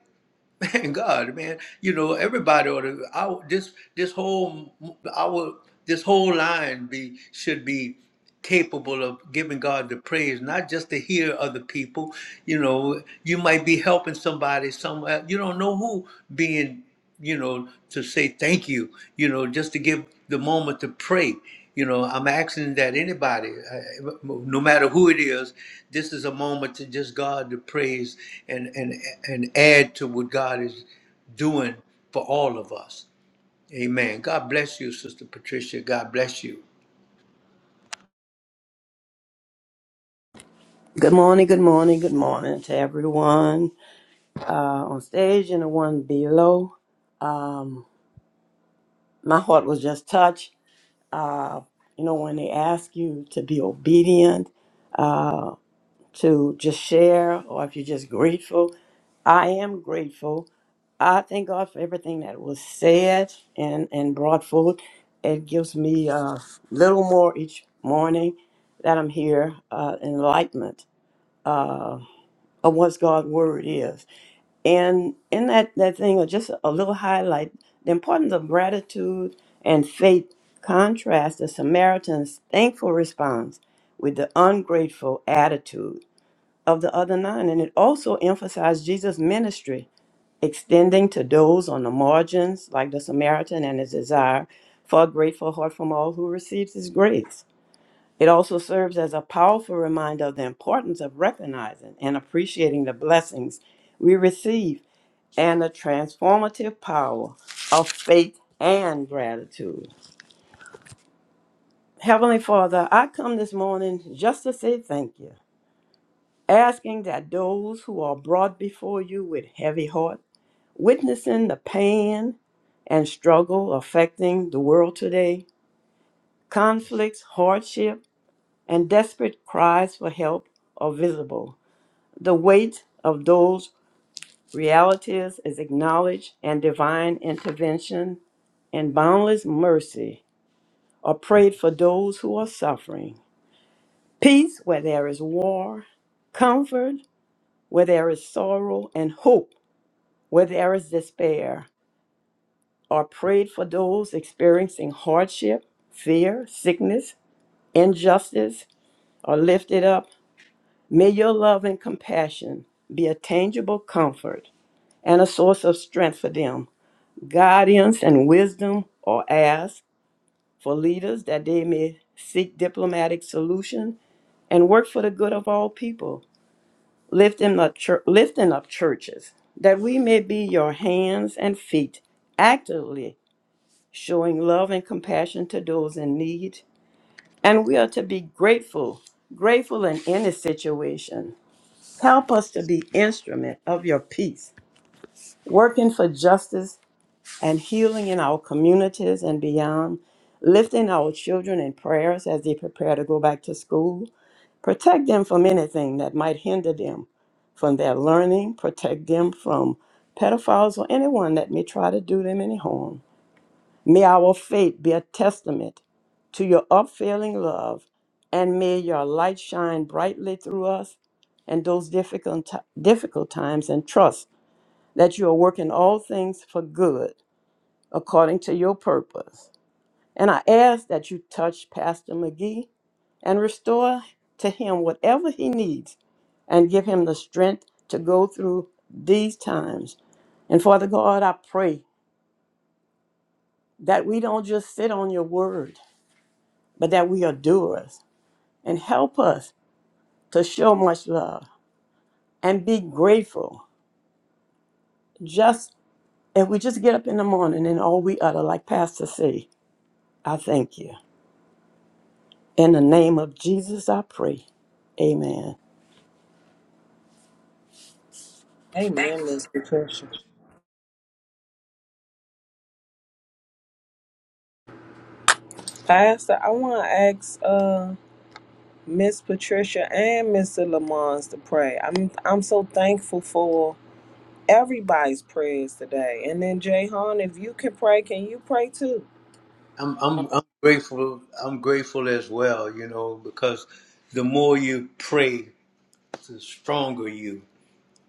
A: Thank God, man. You know, everybody ought to. Our, this this whole our this whole line be should be capable of giving God the praise, not just to hear other people. You know, you might be helping somebody somewhere. You don't know who being you know, to say thank you, you know, just to give the moment to pray. You know, I'm asking that anybody, uh, no matter who it is, this is a moment to just God to praise and and and add to what God is doing for all of us. Amen. God bless you, Sister Patricia. God bless you.
G: Good morning, good morning, good morning to everyone uh, on stage and the one below. Um, my heart was just touched. Uh, you know, when they ask you to be obedient, to just share, or if you're just grateful, I am grateful. I thank God for everything that was said and, and brought forth. It gives me a little more each morning that I'm here, uh, enlightenment uh, of what God's word is And in that, that thing, or just a little highlight, the importance of gratitude and faith contrast the Samaritan's thankful response with the ungrateful attitude of the other nine. And it also emphasized Jesus' ministry, extending to those on the margins, like the Samaritan, and his desire for a grateful heart from all who receives his grace. It also serves as a powerful reminder of the importance of recognizing and appreciating the blessings we receive and the transformative power of faith and gratitude. Heavenly Father, I come this morning just to say thank you, asking that those who are brought before you with heavy heart, witnessing the pain and struggle affecting the world today, conflicts, hardship, and desperate cries for help are visible. The weight of those realities is acknowledged and divine intervention and boundless mercy are prayed for those who are suffering. Peace where there is war, comfort where there is sorrow, and hope where there is despair are prayed for those experiencing hardship, fear, sickness, injustice are lifted up. May your love and compassion be a tangible comfort and a source of strength for them Guidance and wisdom are asked for leaders that they may seek diplomatic solution and work for the good of all people, lifting up, chur- lifting up churches, that we may be your hands and feet, actively showing love and compassion to those in need. And we are to be grateful, grateful in any situation. Help us to be instrument of your peace, working for justice and healing in our communities and beyond, lifting our children in prayers as they prepare to go back to school. Protect them from anything that might hinder them from their learning, protect them from pedophiles or anyone that may try to do them any harm. May our faith be a testament to your upfailing love, and may your light shine brightly through us and those difficult, difficult times, and trust that you are working all things for good according to your purpose. And I ask that you touch Pastor McGee and restore to him whatever he needs and give him the strength to go through these times. And Father God, I pray that we don't just sit on your word, but that we are doers and help us to show much love and be grateful. Just if we just get up in the morning and all we utter, like Pastor say, I thank you. In the name of Jesus, I pray. Amen.
C: Amen, Miss Patricia. Pastor, I want to ask uh Miss Patricia and Mr. Lamons to pray. I'm I'm so thankful for. everybody's prayers today. And then Jay if you can pray, can you pray too?
A: I'm I'm I'm grateful. I'm grateful as well. You know, because the more you pray, the stronger you.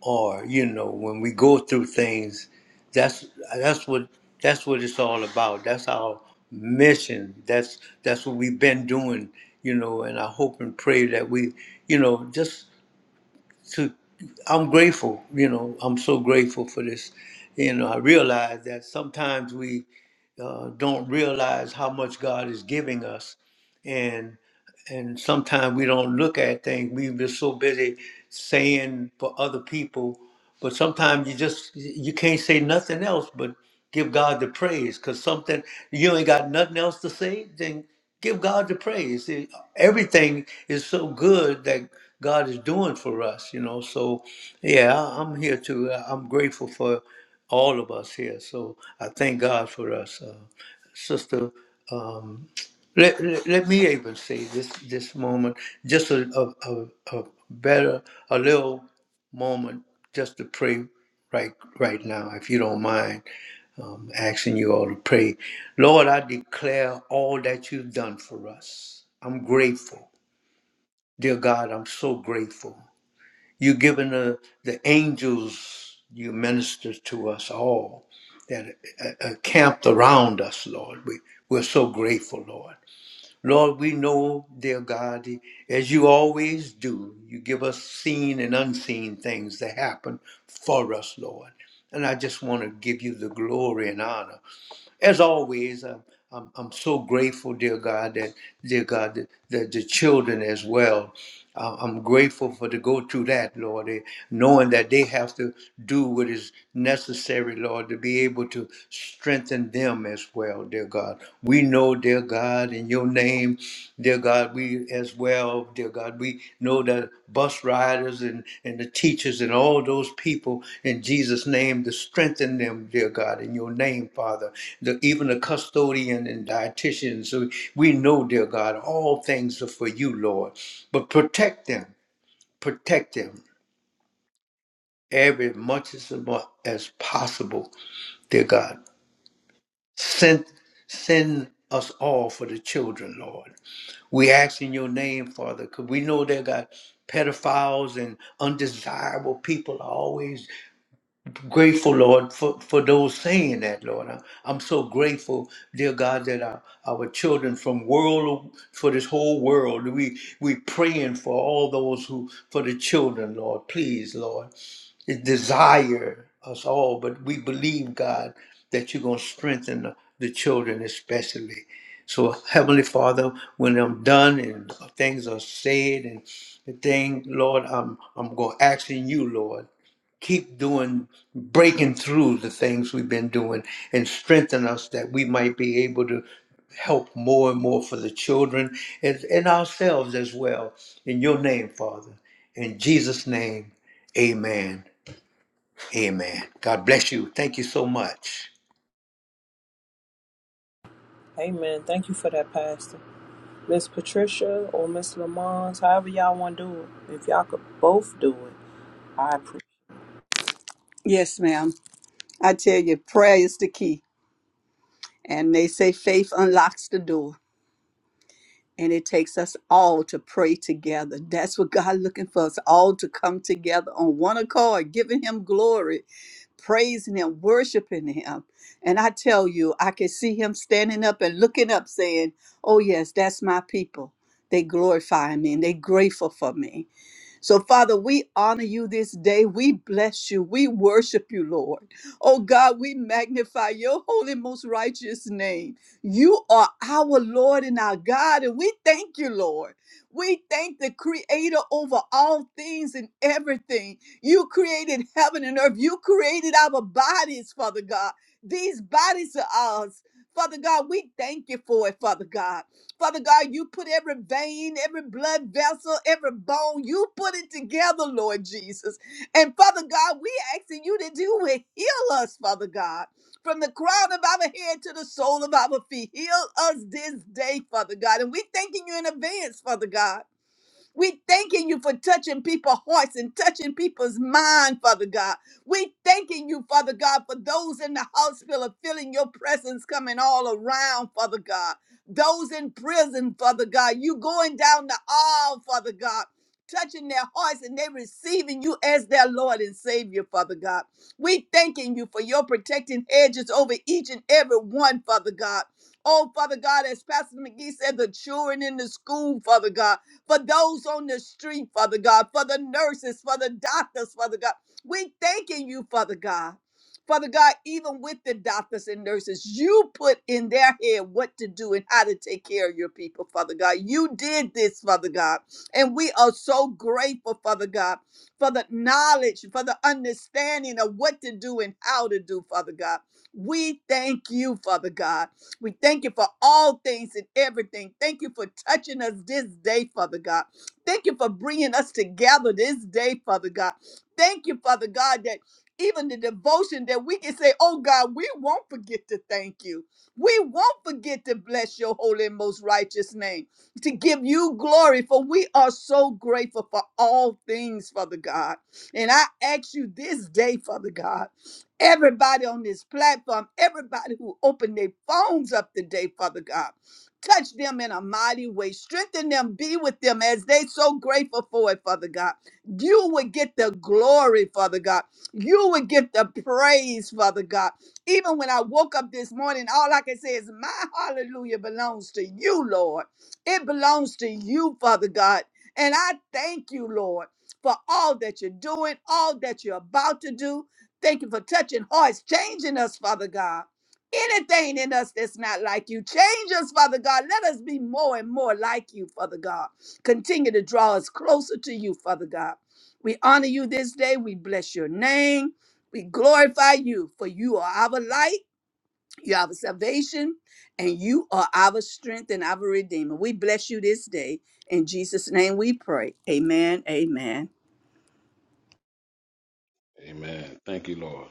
A: or you know when we go through things that's that's what that's what it's all about that's our mission that's that's what we've been doing you know and i hope and pray that we you know just to i'm grateful you know i'm so grateful for this you know i realize that sometimes we uh, don't realize how much god is giving us and and sometimes we don't look at things. We've been so busy saying for other people, but sometimes you just you can't say nothing else but give God the praise. Cause something you ain't got nothing else to say, then give God the praise. It- Everything is so good that God is doing for us, you know. So yeah, I- I'm here too. I- I'm grateful for all of us here. So I thank God for us, uh, sister. Um, let, let, let me even say this this moment, just a, a, a, a better, a little moment, just to pray right right now, if you don't mind, um, asking you all to pray. Lord, I declare all that you've done for us. I'm grateful, dear God. I'm so grateful. You've given the, the angels you minister to us all that uh, uh, camped around us, Lord. We we're so grateful, Lord. Lord, we know, dear God, as you always do, you give us seen and unseen things that happen for us, Lord. And I just want to give you the glory and honor. As always, I'm, I'm, I'm so grateful, dear God, that, dear God, that, that the children as well. I- I'm grateful for to go through that, Lord, eh, knowing that they have to do what is necessary, Lord, to be able to strengthen them as well, dear God. We know, dear God, in your name, dear God, we as well, dear God, we know the bus riders and, and the teachers and all those people in Jesus' name to strengthen them, dear God, in your name, Father. The, even the custodian and dietitians. So we know, dear God, all things are for you, Lord. But protect them, protect them every much as, mu- as possible, dear God. Send, send us all for the children, Lord. We ask in your name, Father, because we know there got pedophiles and undesirable people are always grateful, Lord, for, for those saying that, Lord. I, am so grateful, dear God, that our, our children from world for this whole world, we we praying for all those who for the children, Lord. Please, Lord desire us all, but we believe, God, that you're going to strengthen the, the children, especially. So, Heavenly Father, when I'm done and things are said and the thing, Lord, I'm I'm going to ask in you, Lord, keep doing, breaking through the things we've been doing and strengthen us that we might be able to help more and more for the children and, and ourselves as well. In your name, Father. In Jesus' name, amen. Amen. God bless you. Thank you so much.
C: Amen. Thank you for that, Pastor. Miss Patricia or Miss Lamont, however y'all want to do it. If y'all could both do it, I appreciate
E: Yes, ma'am. I tell you, prayer is the key. And they say faith unlocks the door. And it takes us all to pray together. That's what God looking for us all to come together on one accord, giving Him glory praising him, worshiping him. And I tell you, I can see him standing up and looking up saying, Oh, yes, that's my people. They glorify me and they grateful for me. So, Father, we honor you this day. We bless you. We worship you, Lord. Oh, God, we magnify your holy, most righteous name. You are our Lord and our God, and we thank you, Lord. We thank the Creator over all things and everything. You created heaven and earth. You created our bodies, Father God. These bodies are ours. Father God, we thank you for it, Father God. Father God, you put every vein, every blood vessel, every bone, you put it together, Lord Jesus. And Father God, we asking you to do it. Heal us, Father God, from the crown of our head to the sole of our feet. Heal us this day, Father God. And we thanking you in advance, Father God. We thanking you for touching people's hearts and touching people's mind, Father God. We thanking you, Father God, for those in the hospital feeling your presence coming all around, Father God. Those in prison, Father God, you going down the aisle, Father God, touching their hearts and they receiving you as their Lord and Savior, Father God. We thanking you for your protecting edges over each and every one, Father God. Oh, Father God, as Pastor McGee said, the children in the school, Father God for those on the street, Father God, for the nurses, for the doctors, Father God. We thanking you, Father God. Father God, even with the doctors and nurses, you put in their head what to do and how to take care of your people, Father God. You did this, Father God. And we are so grateful, Father God, for the knowledge, for the understanding of what to do and how to do, Father God. We thank you, Father God. We thank you for all things and everything. Thank you for touching us this day, Father God. Thank you for bringing us together this day, Father God. Thank you, Father God, that even the devotion that we can say, oh God, we won't forget to thank you. We won't forget to bless your holy and most righteous name, to give you glory, for we are so grateful for all things, Father God. And I ask you this day, Father God. Everybody on this platform, everybody who opened their phones up today, Father God, touch them in a mighty way. Strengthen them, be with them as they so grateful for it, Father God. You would get the glory, Father God. You would get the praise, Father God. Even when I woke up this morning, all I can say is, My hallelujah belongs to you, Lord. It belongs to you, Father God. And I thank you, Lord, for all that you're doing, all that you're about to do. Thank you for touching hearts, changing us, Father God. Anything in us that's not like you, change us, Father God. Let us be more and more like you, Father God. Continue to draw us closer to you, Father God. We honor you this day. We bless your name. We glorify you, for you are our light, you are our salvation, and you are our strength and our redeemer. We bless you this day. In Jesus' name we pray. Amen. Amen.
F: Amen. Thank you, Lord.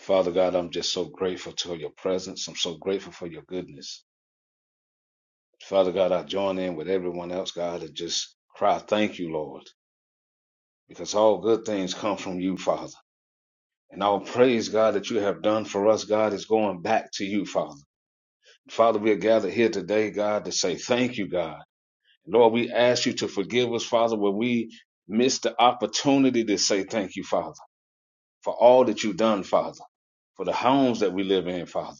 F: Father God, I'm just so grateful to your presence. I'm so grateful for your goodness. Father God, I join in with everyone else, God, and just cry, thank you, Lord. because all good things come from you, Father. And all praise, God, that you have done for us, God, is going back to you, Father. Father, we are gathered here today, God, to say thank you, God. Lord, we ask you to forgive us, Father, when we miss the opportunity to say thank you, Father, for all that you've done, Father, for the homes that we live in, Father,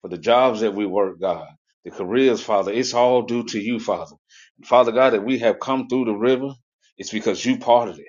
F: for the jobs that we work, God, the careers, Father. It's all due to you, Father. And Father God, that we have come through the river, it's because you parted it.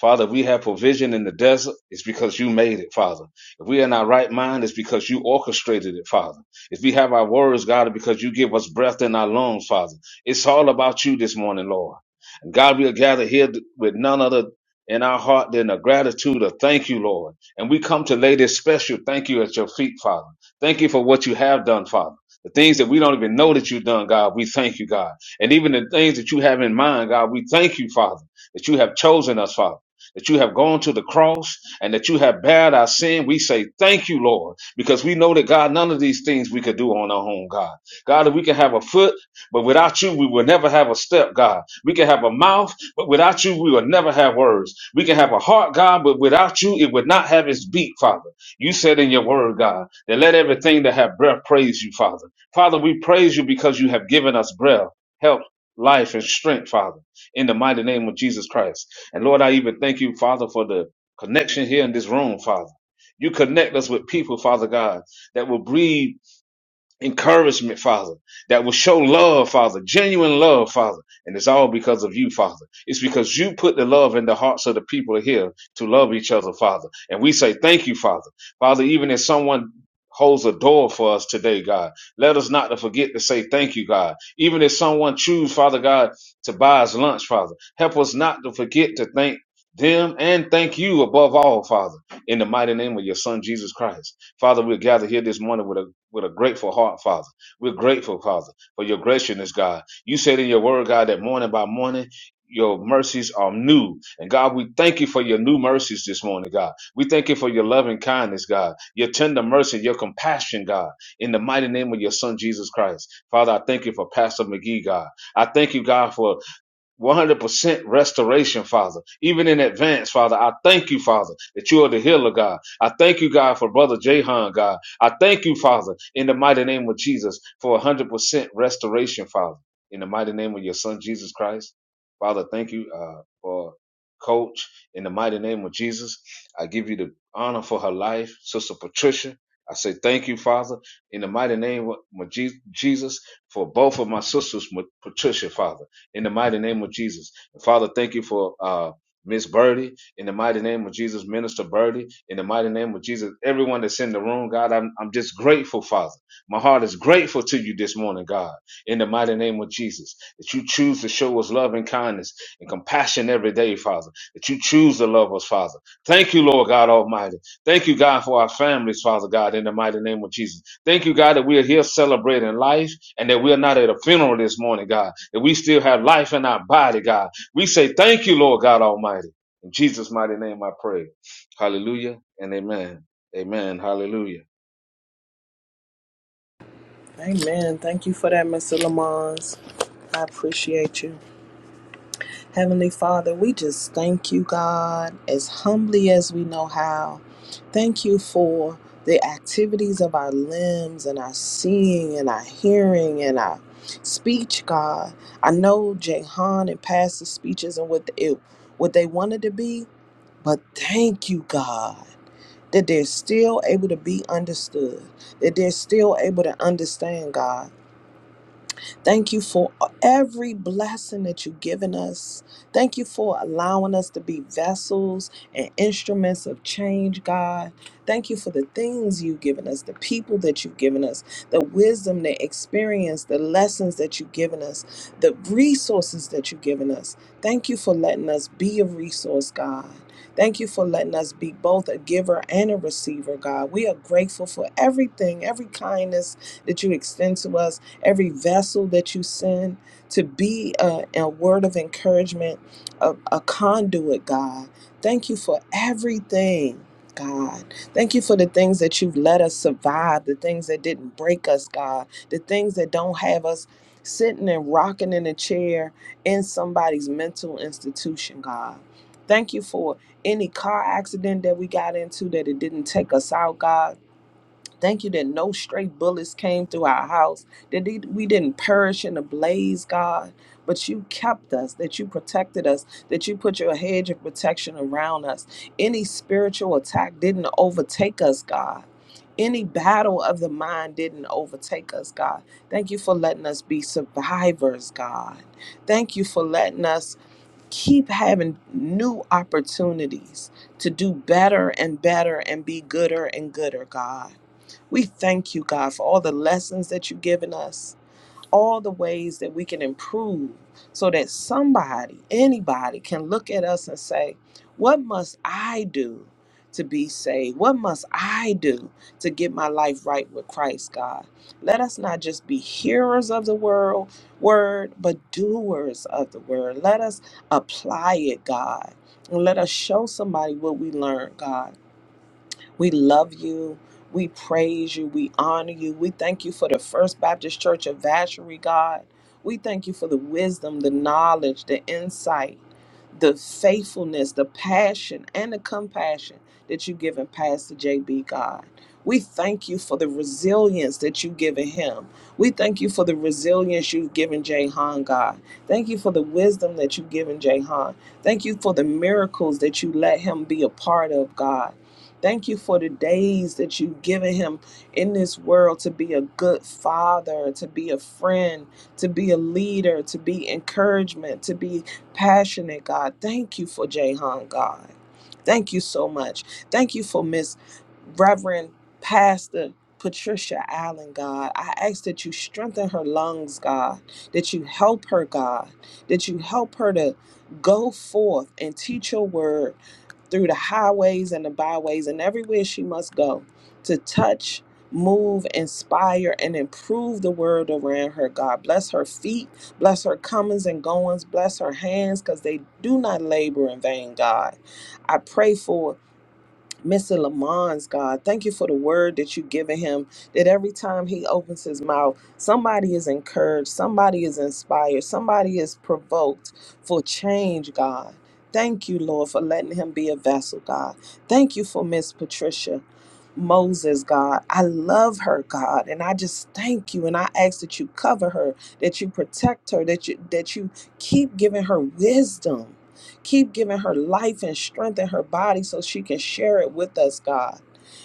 F: Father, if we have provision in the desert, it's because you made it, Father. If we are in our right mind, it's because you orchestrated it, Father. If we have our words, God, it's because you give us breath in our lungs, Father. It's all about you this morning, Lord. And God, we are gathered here with none other in our heart than a gratitude of thank you, Lord. And we come to lay this special thank you at your feet, Father. Thank you for what you have done, Father. The things that we don't even know that you've done, God, we thank you, God. And even the things that you have in mind, God, we thank you, Father, that you have chosen us, Father that you have gone to the cross and that you have bared our sin. We say thank you, Lord, because we know that God, none of these things we could do on our own, God. God, that we can have a foot, but without you, we will never have a step, God. We can have a mouth, but without you, we will never have words. We can have a heart, God, but without you, it would not have its beat, Father. You said in your word, God, that let everything that have breath praise you, Father. Father, we praise you because you have given us breath, health, life, and strength, Father in the mighty name of Jesus Christ. And Lord, I even thank you, Father, for the connection here in this room, Father. You connect us with people, Father God, that will breathe encouragement, Father, that will show love, Father, genuine love, Father. And it's all because of you, Father. It's because you put the love in the hearts of the people here to love each other, Father. And we say thank you, Father. Father, even if someone holds a door for us today, God, let us not to forget to say thank you, God. Even if someone choose, Father God, to buy us lunch, Father, help us not to forget to thank them and thank you above all, Father, in the mighty name of your son, Jesus Christ. Father, we're gathered here this morning with a with a grateful heart, Father. We're grateful, Father, for your graciousness, God. You said in your word, God, that morning by morning, your mercies are new. And God, we thank you for your new mercies this morning, God. We thank you for your loving kindness, God, your tender mercy, your compassion, God, in the mighty name of your son, Jesus Christ. Father, I thank you for Pastor McGee, God. I thank you, God, for 100% restoration, Father. Even in advance, Father, I thank you, Father, that you are the healer, God. I thank you, God, for Brother Jahan, God. I thank you, Father, in the mighty name of Jesus, for 100% restoration, Father, in the mighty name of your Son, Jesus Christ. Father, thank you uh, for Coach, in the mighty name of Jesus. I give you the honor for her life, Sister Patricia. I say thank you, Father, in the mighty name of Jesus, for both of my sisters, Patricia, Father in the mighty name of Jesus. And Father, thank you for uh Miss Birdie, in the mighty name of Jesus, Minister Birdie, in the mighty name of Jesus, everyone that's in the room, God, I'm, I'm just grateful, Father. My heart is grateful to you this morning, God, in the mighty name of Jesus, that you choose to show us love and kindness and compassion every day, Father, that you choose to love us, Father. Thank you, Lord God Almighty. Thank you, God, for our families, Father God, in the mighty name of Jesus. Thank you, God, that we are here celebrating life and that we are not at a funeral this morning, God, that we still have life in our body, God. We say thank you, Lord God Almighty. In Jesus' mighty name I pray. Hallelujah and amen. Amen. Hallelujah.
C: it. Amen. Thank you for that, Mr. Lamont. I appreciate you. Heavenly Father, we just thank you, God, as humbly as we know how. Thank you for the activities of our limbs and our seeing and our hearing and our speech, God. I know Jehan and Pastor speeches and what they, what they wanted to be, but thank you, God, that they're still able to be understood, that they're still able to understand, God. Thank you for every blessing that you've given us. Thank you for allowing us to be vessels and instruments of change, God. Thank you for the things you've given us, the people that you've given us, the wisdom, the experience, the lessons that you've given us, the resources that you've given us. Thank you for letting us be a resource, God. Thank you for letting us be both a giver and a receiver, God. We are grateful for everything, every kindness that you extend to us, every vessel that you send to be a, a word of encouragement, a, a conduit, God. Thank you for everything. God, thank you for the things that you've let us survive, the things that didn't break us, God, the things that don't have us sitting and rocking in a chair in somebody's mental institution, God. Thank you for any car accident that we got into that it didn't take us out, God Thank you that no stray bullets came through our house, that they- we didn't perish in a blaze, God, but you kept us, that you protected us, that you put your hedge of protection around us. Any spiritual attack didn't overtake us, God. Any battle of the mind didn't overtake us, God. Thank you for letting us be survivors, God. Thank you for letting us keep having new opportunities to do better and better and be gooder and gooder, God. We thank you, God, for all the lessons that you've given us, all the ways that we can improve so that somebody, anybody can look at us and say, What must I do to be saved? What must I do to get my life right with Christ, God? Let us not just be hearers of the world, word, but doers of the word. Let us apply it, God. And let us show somebody what we learned, God. We love you. We praise you. We honor you. We thank you for the First Baptist Church of Vacherie, God. We thank you for the wisdom, the knowledge, the insight, the faithfulness, the passion, and the compassion that you've given Pastor JB, God. We thank you for the resilience that you've given him. We thank you for the resilience you've given Jahan, God. Thank you for the wisdom that you've given Jahan. Thank you for the miracles that you let him be a part of, God. Thank you for the days that you've given him in this world to be a good father, to be a friend, to be a leader, to be encouragement, to be passionate, God. Thank you for Jahan, God. Thank you so much. Thank you for Miss Reverend Pastor Patricia Allen, God. I ask that you strengthen her lungs, God, that you help her, God, that you help her to go forth and teach your word through the highways and the byways and everywhere she must go to touch, move, inspire, and improve the world around her. God bless her feet, bless her comings and goings, bless her hands because they do not labor in vain, God. I pray for. Mr. Lamont's God, thank you for the word that you've given him. That every time he opens his mouth, somebody is encouraged, somebody is inspired, somebody is provoked for change, God. Thank you, Lord, for letting him be a vessel, God. Thank you for Miss Patricia. Moses, God. I love her, God, and I just thank you and I ask that you cover her, that you protect her, that you that you keep giving her wisdom. Keep giving her life and strength in her body so she can share it with us, God.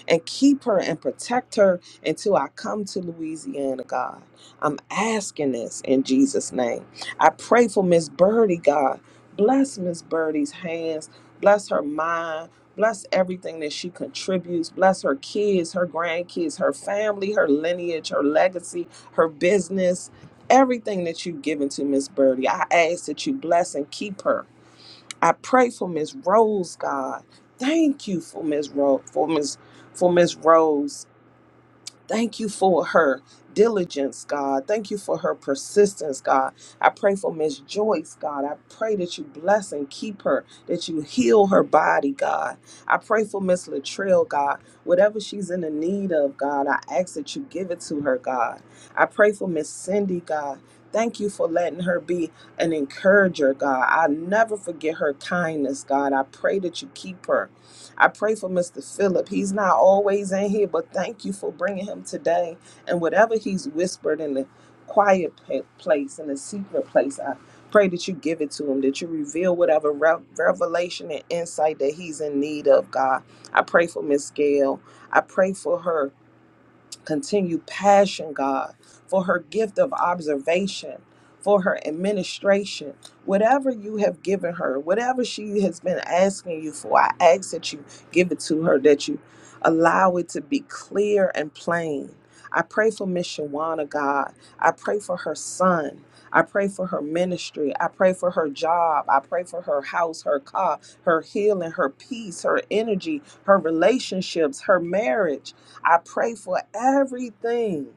C: And keep her and protect her until I come to Louisiana, God. I'm asking this in Jesus' name. I pray for Miss Birdie, God. Bless Miss Birdie's hands. Bless her mind Bless everything that she contributes. Bless her kids, her grandkids, her family, her lineage, her legacy, her business, everything that you've given to Miss Birdie. I ask that you bless and keep her. I pray for Miss Rose, God. Thank you for Miss Rose for Miss for Miss Rose. Thank you for her diligence, God. Thank you for her persistence, God. I pray for Miss Joyce, God. I pray that you bless and keep her, that you heal her body, God. I pray for Miss Latrell, God. Whatever she's in the need of, God, I ask that you give it to her, God. I pray for Miss Cindy, God. Thank you for letting her be an encourager, God. I never forget her kindness, God. I pray that you keep her. I pray for Mr. Phillip. He's not always in here, but thank you for bringing him today. And whatever he's whispered in the quiet pa- place, in the secret place, I pray that you give it to him, that you reveal whatever re- revelation and insight that he's in need of, God. I pray for Miss Gail. I pray for her continue passion, God, for her gift of observation, for her administration, whatever you have given her, whatever she has been asking you for, I ask that you give it to her, that you allow it to be clear and plain. I pray for Miss Shawana, God. I pray for her son. I pray for her ministry. I pray for her job. I pray for her house, her car, her healing, her peace, her energy, her relationships, her marriage. I pray for everything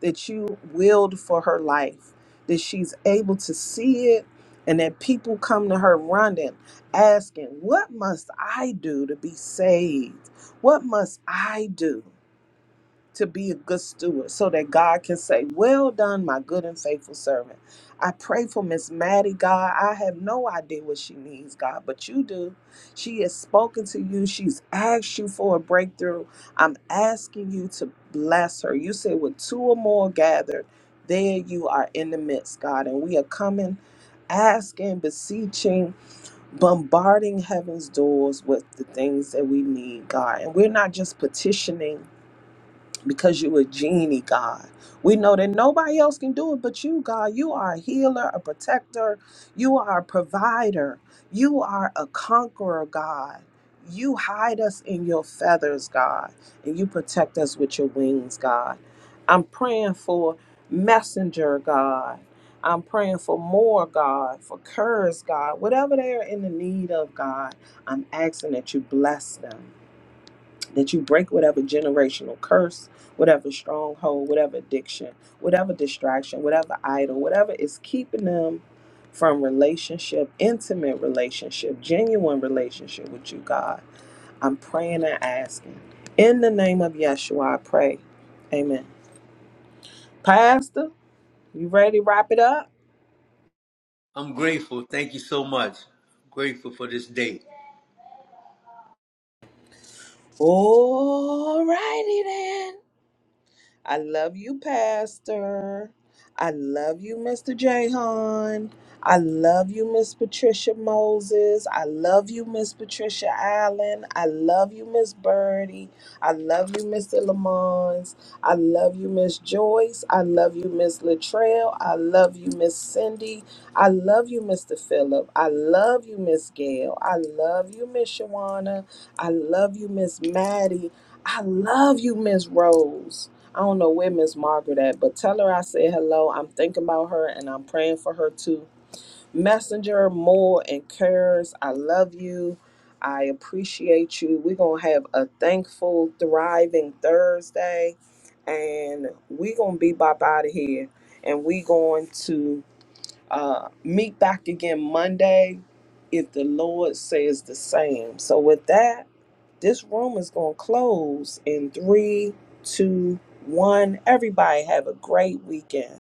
C: that you willed for her life, that she's able to see it, and that people come to her running, asking, What must I do to be saved? What must I do? to be a good steward so that God can say, Well done, my good and faithful servant. I pray for Miss Maddie, God. I have no idea what she needs, God, but you do. She has spoken to you, she's asked you for a breakthrough. I'm asking you to bless her. You said, With two or more gathered, there you are in the midst, God. And we are coming, asking, beseeching, bombarding heaven's doors with the things that we need, God. And we're not just petitioning because you a genie, God. We know that nobody else can do it but you, God. You are a healer, a protector. You are a provider. You are a conqueror, God. You hide us in your feathers, God, and you protect us with your wings, God. I'm praying for messenger, God. I'm praying for more, God, for curse, God. Whatever they are in the need of, God, I'm asking that you bless them that you break whatever generational curse, whatever stronghold, whatever addiction, whatever distraction, whatever idol, whatever is keeping them from relationship, intimate relationship, genuine relationship with you, God. I'm praying and asking. In the name of Yeshua, I pray. Amen. Pastor, you ready to wrap it up?
A: I'm grateful. Thank you so much. I'm grateful for this day.
C: All righty then. I love you, Pastor. I love you, Mr. Jahan. I love you, Miss Patricia Moses. I love you, Miss Patricia Allen. I love you, Miss Birdie. I love you, Mr. Lamons. I love you, Miss Joyce. I love you, Miss Latrell. I love you, Miss Cindy. I love you, Mr. Phillip. I love you, Miss Gail. I love you, Miss Shawana. I love you, Miss Maddie. I love you, Miss Rose. I don't know where Miss Margaret at, but tell her I said hello. I'm thinking about her and I'm praying for her too. Messenger, Moore, and Curse, I love you. I appreciate you. We're going to have a thankful, thriving Thursday. And we're going to be bop out of here. And we going to uh, meet back again Monday if the Lord says the same. So, with that, this room is going to close in three, two, one. Everybody have a great weekend.